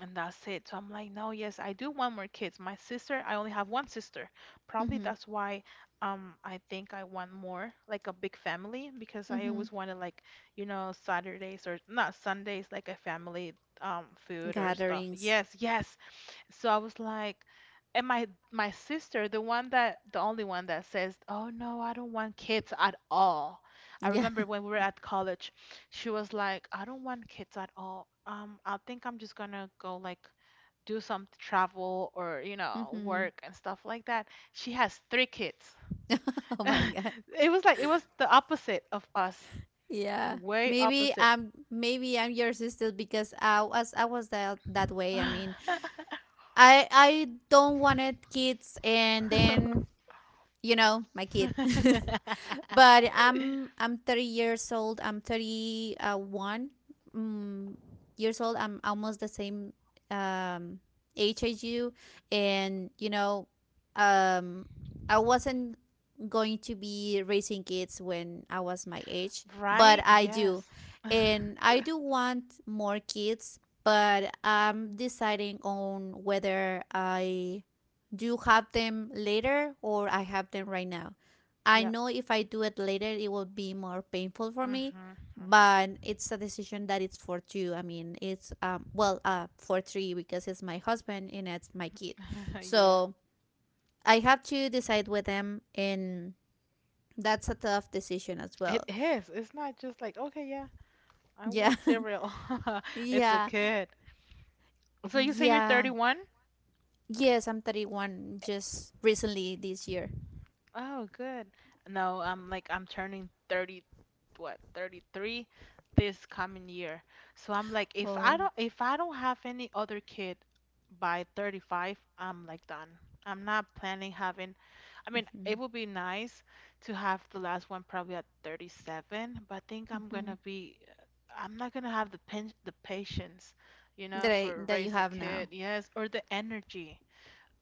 B: and that's it. So I'm like, no, yes, I do want more kids. My sister, I only have one sister. Probably
A: mm-hmm,
B: that's why, I think I want more, like a big family, because I
A: mm-hmm.
B: always wanted like, you know, Saturdays, or not Sundays, like a family, food or stuff.
A: Gatherings.
B: Yes, yes. So I was like, and my sister, the only one that says, "Oh no, I don't want kids at all." I
A: Yeah.
B: remember when we were at college, she was like, I don't want kids at all. I think I'm just gonna go like, do some travel or, you
A: [laughs]
B: know,
A: Mm-hmm.
B: work and stuff like that. She has three kids.
A: Oh my god.
B: [laughs] It was the opposite of us.
A: Yeah.
B: Way
A: Maybe
B: opposite.
A: I'm, maybe I'm your sister, because I was that that way. I mean, I don't wanted kids, and then,
B: [laughs]
A: you know, my kid. [laughs] But i'm 30 years old, I'm 31, mm, years old. I'm almost the same, um, age as you. And you know, um, I wasn't going to be raising kids when I was my age, but
B: Right?
A: I do.
B: Yes.
A: And I do want more kids, but I'm deciding on whether I do you have them later, or I have them right now? I
B: Yep.
A: know if I do it later, it will be more painful for me,
B: Mm-hmm.
A: but it's a decision that it's for two. I mean, it's well for three, because it's my husband and it's my kid.
B: [laughs] Yeah.
A: So I have to decide with them, and that's a tough decision as well.
B: It is. It's not just like, okay, yeah, I
A: Yeah,
B: want cereal. [laughs]
A: [laughs]
B: It's a
A: yeah,
B: kid. So you say you're
A: yeah.
B: 31?
A: Yes, I'm 31 just recently this year.
B: Oh, good. No, I'm like, I'm turning 30, what, 33 this coming year. So I'm like, if I
A: Oh,
B: don't have any other kid by 35, I'm like done. I'm not planning having. I mean,
A: mm-hmm.
B: it would be nice to have the last one probably at 37, but I think
A: Mm-hmm.
B: I'm not gonna have the patience, you know,
A: That I,
B: for
A: that you
B: raise a
A: have now.
B: kid. Yes, or the energy.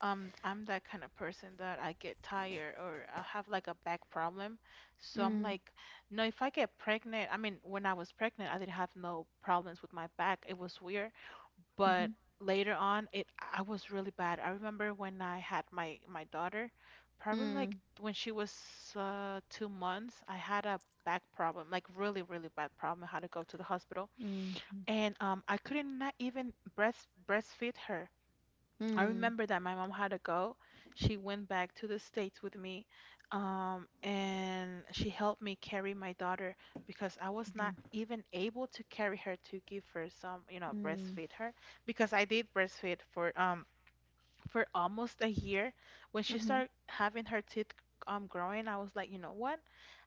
B: I'm that kind of person that I get tired, or I have like a back problem. So I'm
A: Mm.
B: like, no, if I get pregnant, I mean, when I was pregnant, I didn't have no problems with my back. It was weird, but
A: Mhm.
B: later on, it I was really bad. I remember when I had my daughter, probably like
A: Mm.
B: when she was, 2 months, I had a back problem, like really, really bad problem. I had to go to the hospital,
A: Mhm.
B: and, I couldn't not even breastfeed her. I
A: Mm.
B: remember that my mom had to go. She went back to the States with me, and she helped me carry my daughter because I was not
A: Mhm.
B: even able to carry her, to give her some, you know,
A: Mm.
B: breastfeed her, because I did breastfeed for almost a year. When she
A: Mhm.
B: started having her teeth, growing, I was like, you know what?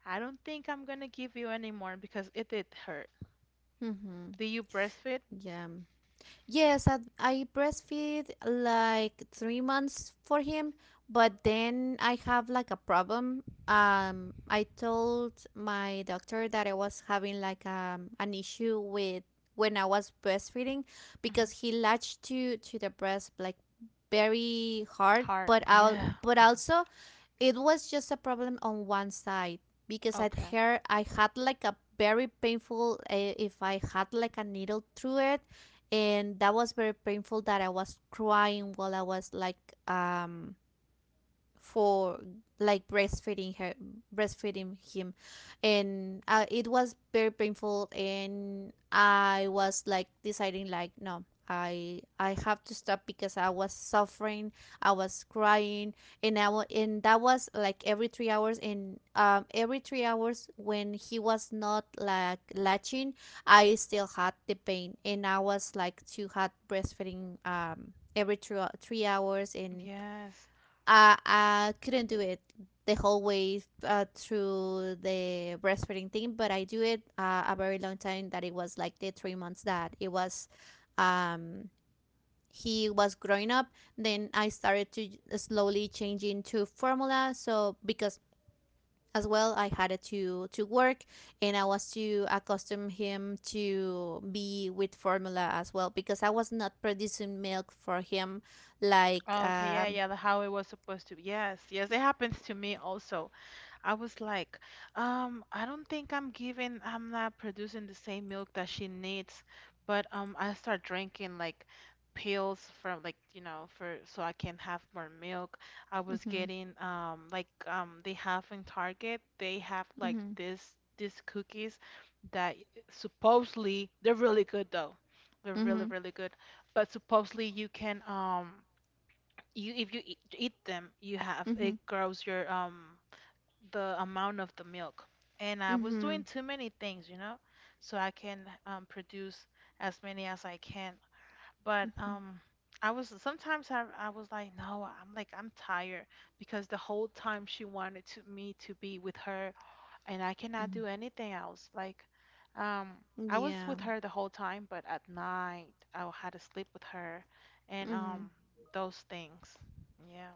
B: I don't think I'm gonna give you anymore because it did hurt.
A: Mhm.
B: Do you breastfeed?
A: Yeah. Yes, I breastfeed like 3 months for him, but then I have like a problem. I told my doctor that I was having like an issue with when I was breastfeeding,
B: Mhm.
A: because he latched to the breast like very hard,
B: Hard.
A: but I'll,
B: Yeah.
A: but
B: [laughs]
A: also, it was just a problem on one side, because I'd
B: Okay.
A: her I had like a very painful if I had like a needle through it, and that was very painful that I was crying while I was like, um for like breastfeeding her breastfeeding him. And it was very painful, and I was like deciding like, no, i have to stop, because I was suffering, I was crying. And that was like every 3 hours, and every 3 hours when he was not like latching, I still had the pain, and I was like to had breastfeeding, every 3 three hours. And
B: Yes.
A: I couldn't do it the whole way through the breastfeeding thing, but I do it a very long time. That it was like the 3 months that it was, um, he was growing up. Then I started to slowly changing to formula, so because as well I had to work, and I was to accustom him to be with formula as well, because I was not producing milk for him like.
B: Oh, okay, yeah, yeah, the how it was supposed to be. Yes, yes, it happens to me also. I was like, I don't think I'm giving, I'm not producing the same milk that she needs, but, I start drinking like pills from, like, you know, for so I can have more milk. I was
A: Hmm,
B: getting like they have in Target, they have like
A: hmm,
B: this these cookies that supposedly they're really good though. They're really,
A: hmm.
B: really good. But supposedly you can you if you eat them, you have
A: Mm-hmm.
B: it grows your the amount of the milk. And I was
A: Mm-hmm.
B: doing too many things, you know, so I can produce as many as I can. But
A: Mm-hmm.
B: I was sometimes I was like, no, I'm like I'm tired because the whole time she wanted to me to be with her, and I cannot
A: Mm-hmm.
B: do anything else. Like, um, I was
A: Yeah.
B: with her the whole time, but at night I had to sleep with her, and
A: Mm-hmm.
B: those things. Yeah.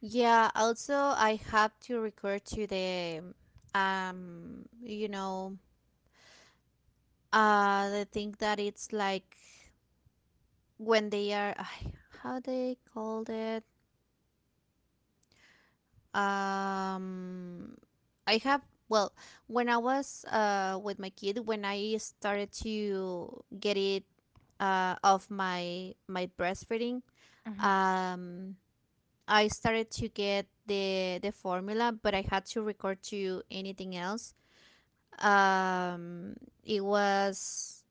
A: Yeah. Also, I have to refer to the, you know, the thing that it's like when they are, ay, how they called it. Um, I have. Well, when I was with my kid, when I started to get it off my breastfeeding,
B: hmm
A: um I started to get the formula, but I had to record to anything else. Um, it was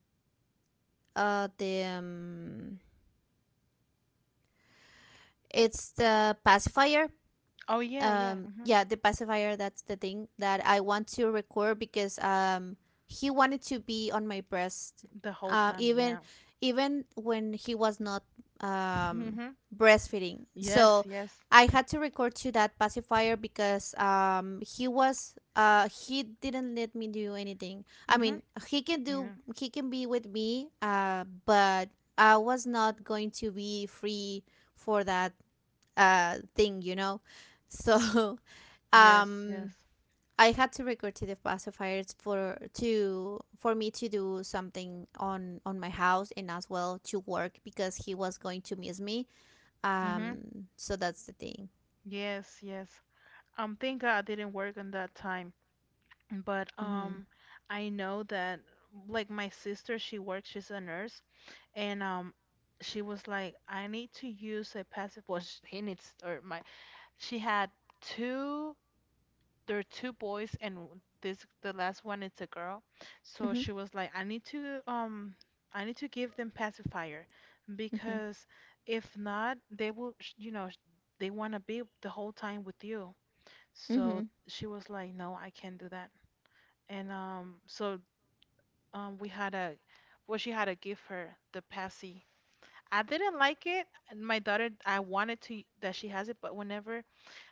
A: the it's the pacifier,
B: Oh yeah, yeah. hmm
A: yeah, the pacifier. That's the thing that I want to record, because he wanted to be on my breast,
B: The whole time,
A: even,
B: yeah.
A: even when he was not um
B: hmm
A: breastfeeding.
B: Yes,
A: So
B: yes.
A: I had to record to that pacifier, because he was he didn't let me do anything. I
B: hmm
A: mean, he can do,
B: Yeah.
A: he can be with me, but I was not going to be free for that, thing, you know. So [laughs]
B: Yes,
A: um
B: yes.
A: I had to record to the pacifiers for to for me to do something on my house, and as well to work, because he was going to miss me.
B: hmm
A: Um, so that's the thing.
B: Yes, yes. Thank God I didn't work on that time. But
A: Mhm.
B: I know that like my sister, she works, she's a nurse, and she was like, I need to use a passive. Well, he needs or my. She had two. There are two boys and this the last one it's a girl. So
A: Mhm.
B: she was like, I need to give them pacifier
A: Mhm.
B: because if not, they will you know, they want to be the whole time with you. So
A: Mhm.
B: she was like, "No, I can't do that." And so we had a, well, she had to give her the passy. I didn't like it. And my daughter, I wanted to that she has it, but whenever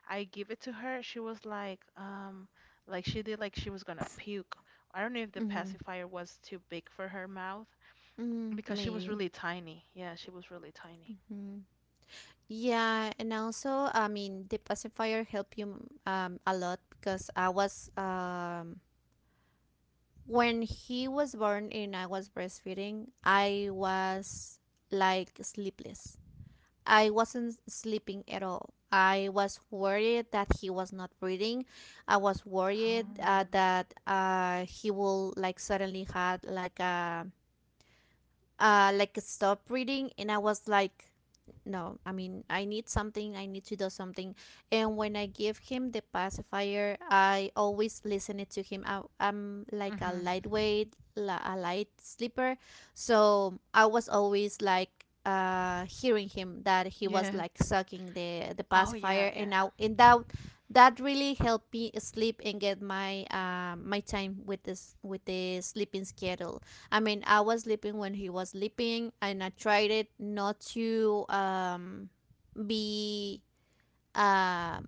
B: I give it to her. She was like she did like she was gonna puke. I don't know if the
A: Mhm.
B: pacifier was too big for her mouth
A: Mhm.
B: because she was
A: Maybe.
B: really tiny. Yeah, she was really tiny.
A: Mhm. Yeah, and also, I mean, the pacifier helped you a lot, because I was when he was born and I was breastfeeding, I was like sleepless. I wasn't sleeping at all. I was worried that he was not breathing. I was worried uh,
B: Oh.
A: that uh, he will like suddenly had like a, like stop reading. And I was like, no, I mean, I need something, I need to do something. And when I give him the pacifier, I always listen it to him. I'm like a
B: Mhm.
A: a light sleeper. So I was always like hearing him that he was
B: Yeah.
A: like sucking the
B: Oh yeah,
A: pacifier
B: yeah.
A: and now and that, that really helped me sleep and get my my time with this, with the sleeping schedule. I mean, I was sleeping when he was sleeping, and I tried it not to be uh,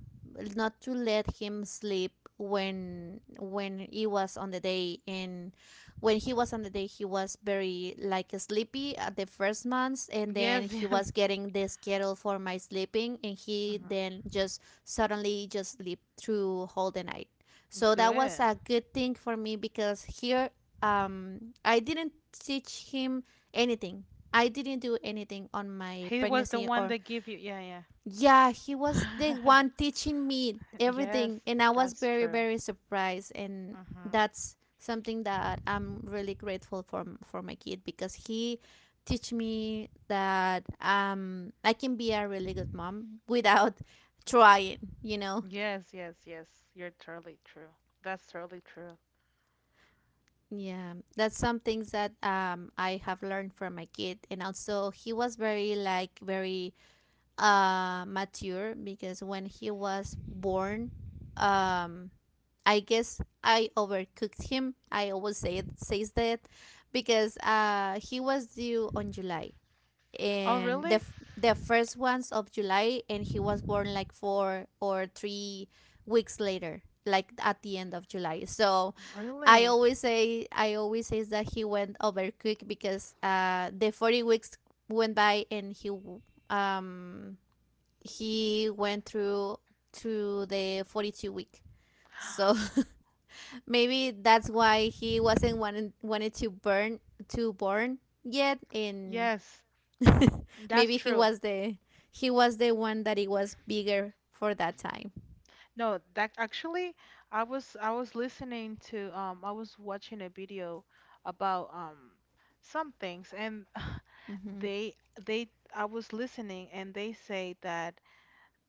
A: not to let him sleep when he was on the day. And when he was on the day, he was very like sleepy at the first months, and then
B: Yes,
A: he
B: [laughs] yes.
A: was getting the schedule for my sleeping, and he
B: Mhm.
A: then just suddenly just sleep through whole the night. So that was
B: Good.
A: a good thing for me, because here I didn't teach him anything, I didn't do anything on my
B: He was the
A: pregnancy,
B: one
A: or
B: that gave you. Yeah,
A: yeah, he was the
B: yeah. [laughs]
A: one teaching me
B: Yes,
A: everything. And I was
B: that's
A: very,
B: true.
A: very surprised. And
B: Mhm.
A: that's something that I'm really grateful for for my kid, because he teach me that I can be a really good mom without [laughs] trying, you know.
B: Yes, yes, yes. You're totally true. That's totally true.
A: Yeah, that's some things that I have learned from my kid. And also he was very like very mature, because when he was born, um I guess I overcooked him. I always say it, says that, because he was due on July,
B: Oh,
A: and
B: really?
A: the first ones of July, and he was born like 4 or 3 weeks later, like at the end of July. So I
B: Really?
A: always say, I always says that he went overcooked, because the 40 weeks went by, and um he went through to the 42 week. So
B: [gasps]
A: [laughs] maybe that's why he wasn't wanted wanted to burn to born yet in.
B: Yes.
A: [laughs]
B: That's
A: Maybe he
B: true.
A: was the, he was the one that it was bigger for that time.
B: No, that actually, I was listening to I was watching a video about some things and [laughs]
A: Mhm.
B: they they I was listening and they say that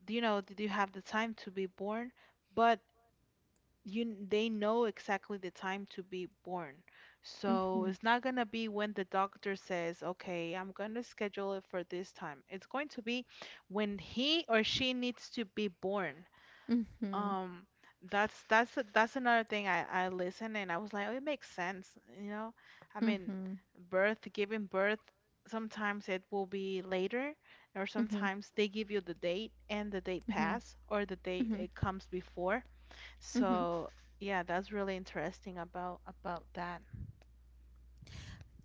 B: you know did you have the time to be born but they know exactly the time to be born, so
A: Mhm.
B: it's not gonna be when the doctor says okay I'm gonna schedule it for this time, it's going to be when he or she needs to be born.
A: Mhm.
B: Um, that's that's another thing I listened and I was like, oh, it makes sense, you know? I mean,
A: Mhm.
B: birth, giving birth, sometimes it will be later, or
A: Mhm.
B: sometimes they give you the date and the date
A: Mhm.
B: pass, or the date
A: Mhm.
B: it comes before.
A: Mhm.
B: So yeah, that's really interesting about that.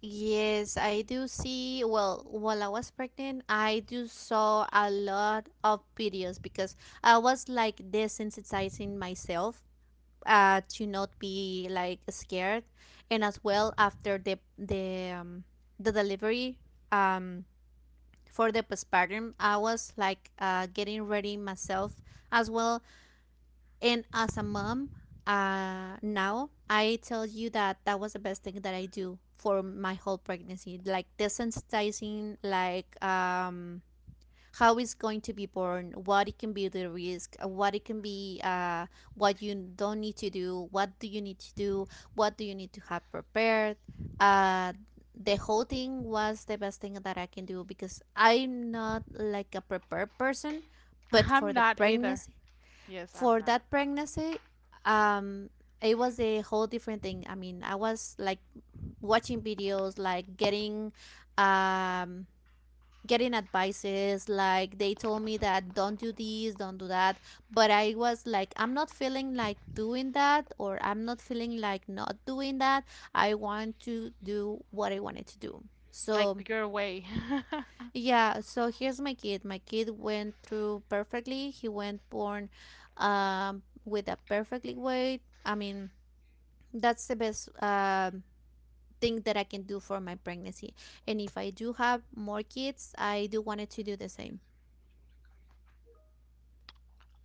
A: Yes, I do see. Well, while I was pregnant, I do saw a lot of videos, because I was like desensitizing myself, to not be like scared. And as well after the the delivery, um, for the postpartum, I was like getting ready myself as well, and as a mom. Now I tell you that that was the best thing that I do for my whole pregnancy, like desensitizing, like how it's going to be born, what it can be the risk, what it can be, what you don't need to do, what do you need to do, what do you need to have prepared. Uh, the whole thing was the best thing that I can do because I'm not like a prepared person,
B: [laughs]
A: but
B: I'm
A: for the
B: not either.
A: pregnancy,
B: Yes, I'm
A: for
B: not.
A: that pregnancy, um, it was a whole different thing. I mean, I was like watching videos, like getting um getting advices like they told me that don't do this don't do that but I was like I'm not feeling like doing that or I'm not feeling like not doing that I want to do what I wanted to do so
B: Like your way. [laughs]
A: yeah, so here's my kid. My kid went through perfectly. He went born with a perfectly weight. I mean, that's the best thing that I can do for my pregnancy, and if I do have more kids, I do wanted to do the same.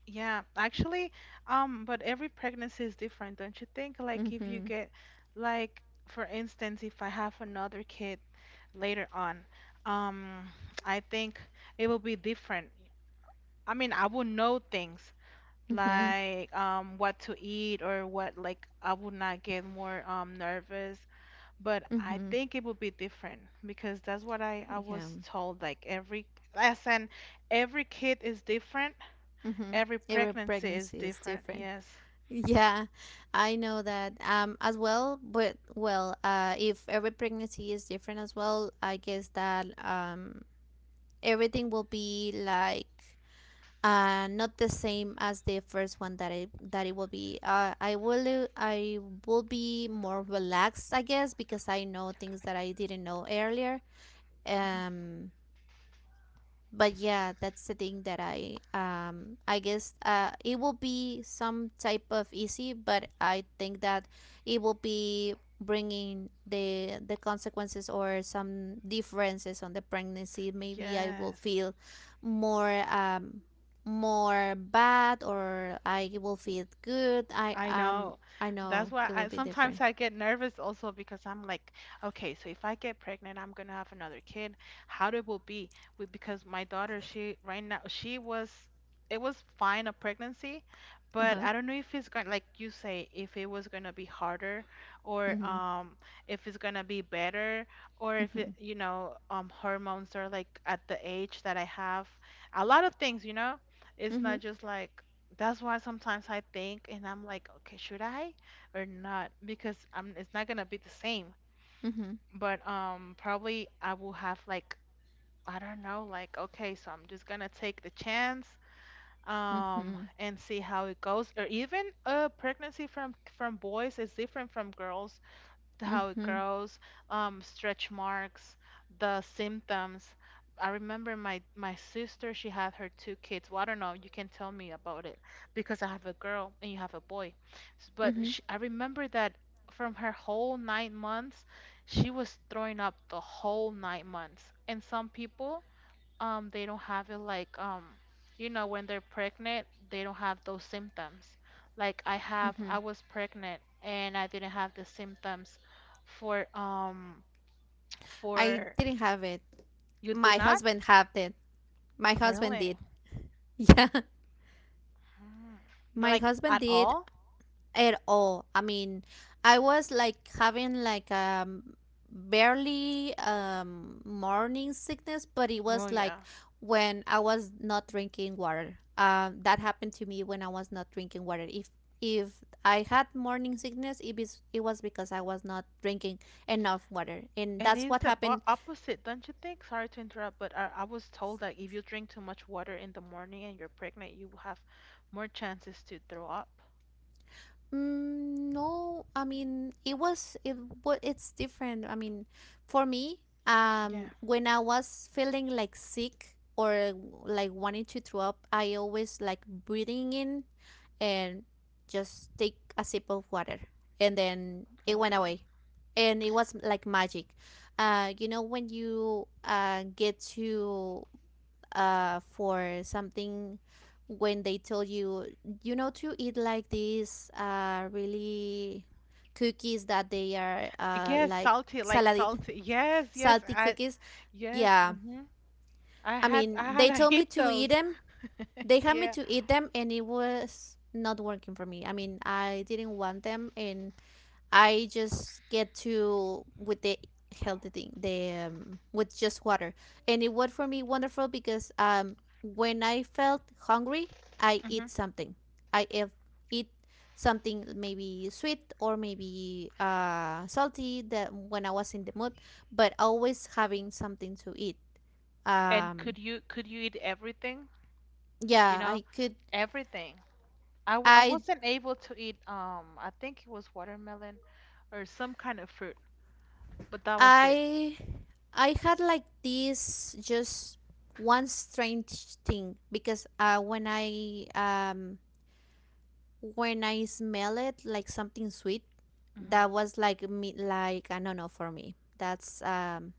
B: Yeah, actually, but every pregnancy is different, don't you think? Like if you
A: Mm-hmm.
B: get like for instance, if I have another kid later on, um, I think it will be different. I mean, I will know things
A: Mm-hmm.
B: like what to eat or what like I would not get more nervous, but I
A: Mm-hmm.
B: think it will be different because that's what I
A: Yeah.
B: was told like every lesson, every kid is different.
A: Mm-hmm.
B: Every
A: Every
B: pregnancy is
A: pregnancy is
B: different.
A: different.
B: Yes.
A: Yeah, I know that as well, but well, if every pregnancy is different as well, I guess that everything will be like not the same as the first one that it will be. I will be more relaxed, I guess, because I know things that I didn't know earlier.
B: Mhm.
A: Um but yeah, that's the thing that I guess it will be some type of easy, but I think that it will be bringing the consequences or some differences on the pregnancy. Maybe I will
B: Yes.
A: feel more um more bad, or I will feel good i
B: I
A: um
B: know.
A: I know
B: That's why
A: it will
B: I
A: be different.
B: sometimes I get nervous also because I'm like, okay, so if I get pregnant, I'm gonna have another kid. How it will be? We, because my daughter, she right now she was it was fine a pregnancy, but
A: Uh-huh.
B: I don't know if it's going like you say if it was gonna be harder or
A: Mhm.
B: if it's gonna be better or if it,
A: Mhm.
B: you know hormones are like at the age that I have a lot of things you know. It's
A: Mhm.
B: not just like that's why sometimes I think and I'm like, okay, should I or not? Because I'm it's not gonna be the same.
A: Mhm.
B: But probably I will have like I don't know, like okay, so I'm just gonna take the chance
A: Mhm.
B: and see how it goes. Or even pregnancy from boys is different from girls, how it
A: Mhm.
B: grows, stretch marks, the symptoms. I remember my sister, she had her two kids. Well, I don't know, you can tell me about it because I have a girl and you have a boy. But
A: Mhm.
B: she, I remember that from her whole 9 months, she was throwing up the whole 9 months. And some people, they don't have it like you know when they're pregnant they don't have those symptoms like I have
A: Mhm.
B: I was pregnant and I didn't have the symptoms for um
A: I
B: for
A: didn't have it.
B: You did
A: My
B: not?
A: husband had it. My husband
B: Really?
A: did. [laughs] Yeah.
B: Mm.
A: My
B: Like
A: husband
B: at
A: did
B: all?
A: at all. I mean, I was like having like barely morning sickness, but it
B: Oh
A: was like
B: yeah.
A: when I was not drinking water. That happened to me when I was not drinking water. If I had morning sickness, it was because I was not drinking enough water. And
B: And
A: that's
B: it's
A: what
B: the bo
A: happened.
B: opposite, don't you think? Sorry to interrupt, but I was told that if you drink too much water in the morning and you're pregnant, you will have more chances to throw up.
A: Mm, no, I mean it was it what it's different. I mean, for me,
B: Yeah.
A: when I was feeling like sick or like wanting to throw up, I always like breathing in and just take a sip of water, and then it went
B: Mm.
A: away, and it was like magic. You know when you get to for something, when they tell you, you know, to eat like these really cookies that they are
B: Yes,
A: like
B: salty, like
A: saladit,
B: salty. Yes, yes,
A: salty
B: I
A: cookies.
B: yes.
A: Yeah,
B: hmm I
A: I
B: had
A: mean,
B: I
A: they
B: had I
A: told me
B: eat
A: to eat
B: those.
A: them.
B: [laughs]
A: They had me
B: Yeah.
A: to eat them, and it was not working for me. I mean, I didn't want them, and I just get to with the healthy thing, the with just water, and it worked for me wonderful because when I felt hungry, I
B: hmm
A: eat something. I ev- Eat something maybe sweet or maybe salty, that when I was in the mood, but always having something to eat.
B: And
A: Um,
B: could you eat everything? You
A: yeah,
B: know,
A: I could.
B: everything. I
A: I
B: wasn't able to eat I think it was watermelon or some kind of fruit, but that was it.
A: I I had like this just one strange thing because when I smell it like something sweet,
B: Hmm
A: that was like me. Like I don't know, for me that's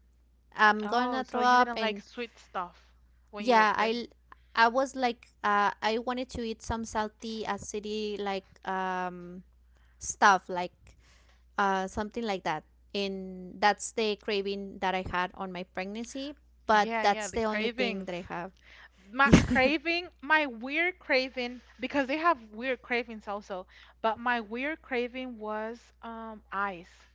A: I'm
B: Oh,
A: gonna throw
B: so you
A: up.
B: didn't like
A: And
B: sweet stuff when you were
A: yeah,
B: pregnant.
A: I was like I wanted to eat some salty acidy like stuff like something like that. And that's the craving that I had on my pregnancy, but
B: Yeah, yeah,
A: that's
B: the
A: the only thing
B: cravings.
A: that I have. [laughs]
B: My
A: Yeah.
B: craving, my weird craving, because they have weird cravings also, but my weird craving was ice.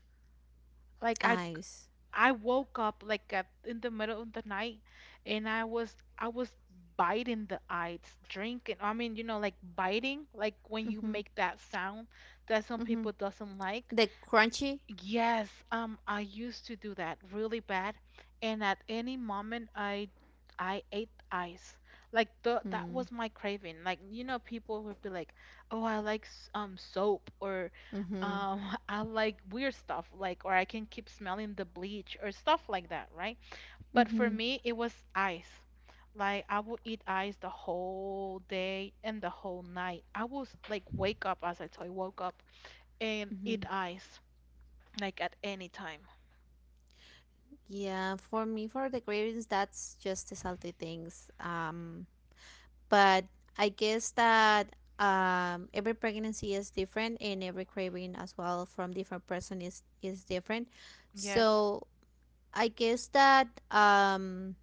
B: Like
A: Eyes.
B: I woke up like at, in the middle of the night and I was biting the ice, drinking. I mean, you know, like biting, like when you
A: Mm-hmm.
B: make that sound that some
A: Mm-hmm.
B: people doesn't like.
A: The crunchy.
B: Yes, I used to do that really bad, and at any moment I ate ice. Like the, that
A: Mm.
B: was my craving. Like you know, people would be like, "Oh, I like soap," or
A: Mm-hmm.
B: um, [laughs] "I like weird stuff," like or "I can keep smelling the bleach" or stuff like that, right? But for
A: Mm-hmm.
B: me, it was ice. Like I would eat ice the whole day and the whole night. I was like wake up as I told you, woke up and
A: Mm-hmm.
B: eat ice. Like at any time.
A: Yeah, for me, for the cravings, that's just the salty things. But I guess that every pregnancy is different, and every craving as well from different person is different.
B: Yes.
A: So I guess that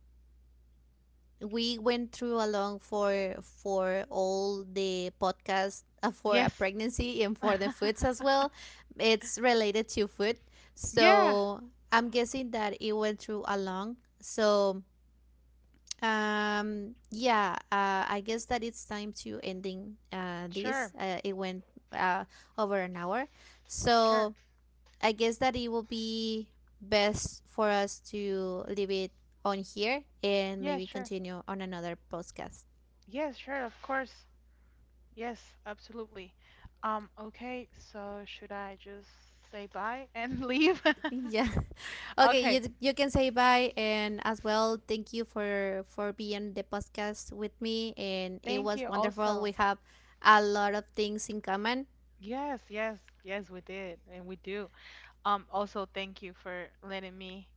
A: we went through along for all the podcast, for a
B: Yes.
A: pregnancy and for the foods
B: [laughs]
A: as well. It's related to food,
B: Yeah.
A: so I'm guessing that it went through along. So yeah, I guess that it's time to ending this.
B: Sure.
A: It went uh over an hour,
B: Sure.
A: so I guess that it will be best for us to leave it on here and
B: Yeah,
A: maybe
B: sure.
A: continue on another podcast. [laughs]
B: Yes, sure, of course. Yes, absolutely. Okay, so should I just say bye and [laughs] leave? [laughs]
A: Yeah. [laughs] Okay, you
B: Okay.
A: you can say bye and as well thank you for being the podcast with me, and it
B: Thank
A: was
B: you
A: wonderful.
B: also.
A: We have a lot of things in common.
B: Yes, yes, yes, we did, and we do. Also thank you for letting me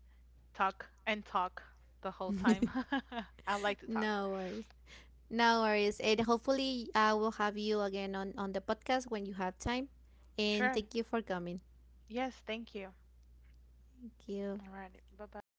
B: talk and talk the whole time.
A: [laughs]
B: [laughs] I like to talk.
A: No worries. No worries. And hopefully I will have you again on the podcast when you have time. And
B: Sure.
A: thank you for coming.
B: Yes, thank you.
A: Thank you.
B: All right. Bye-bye.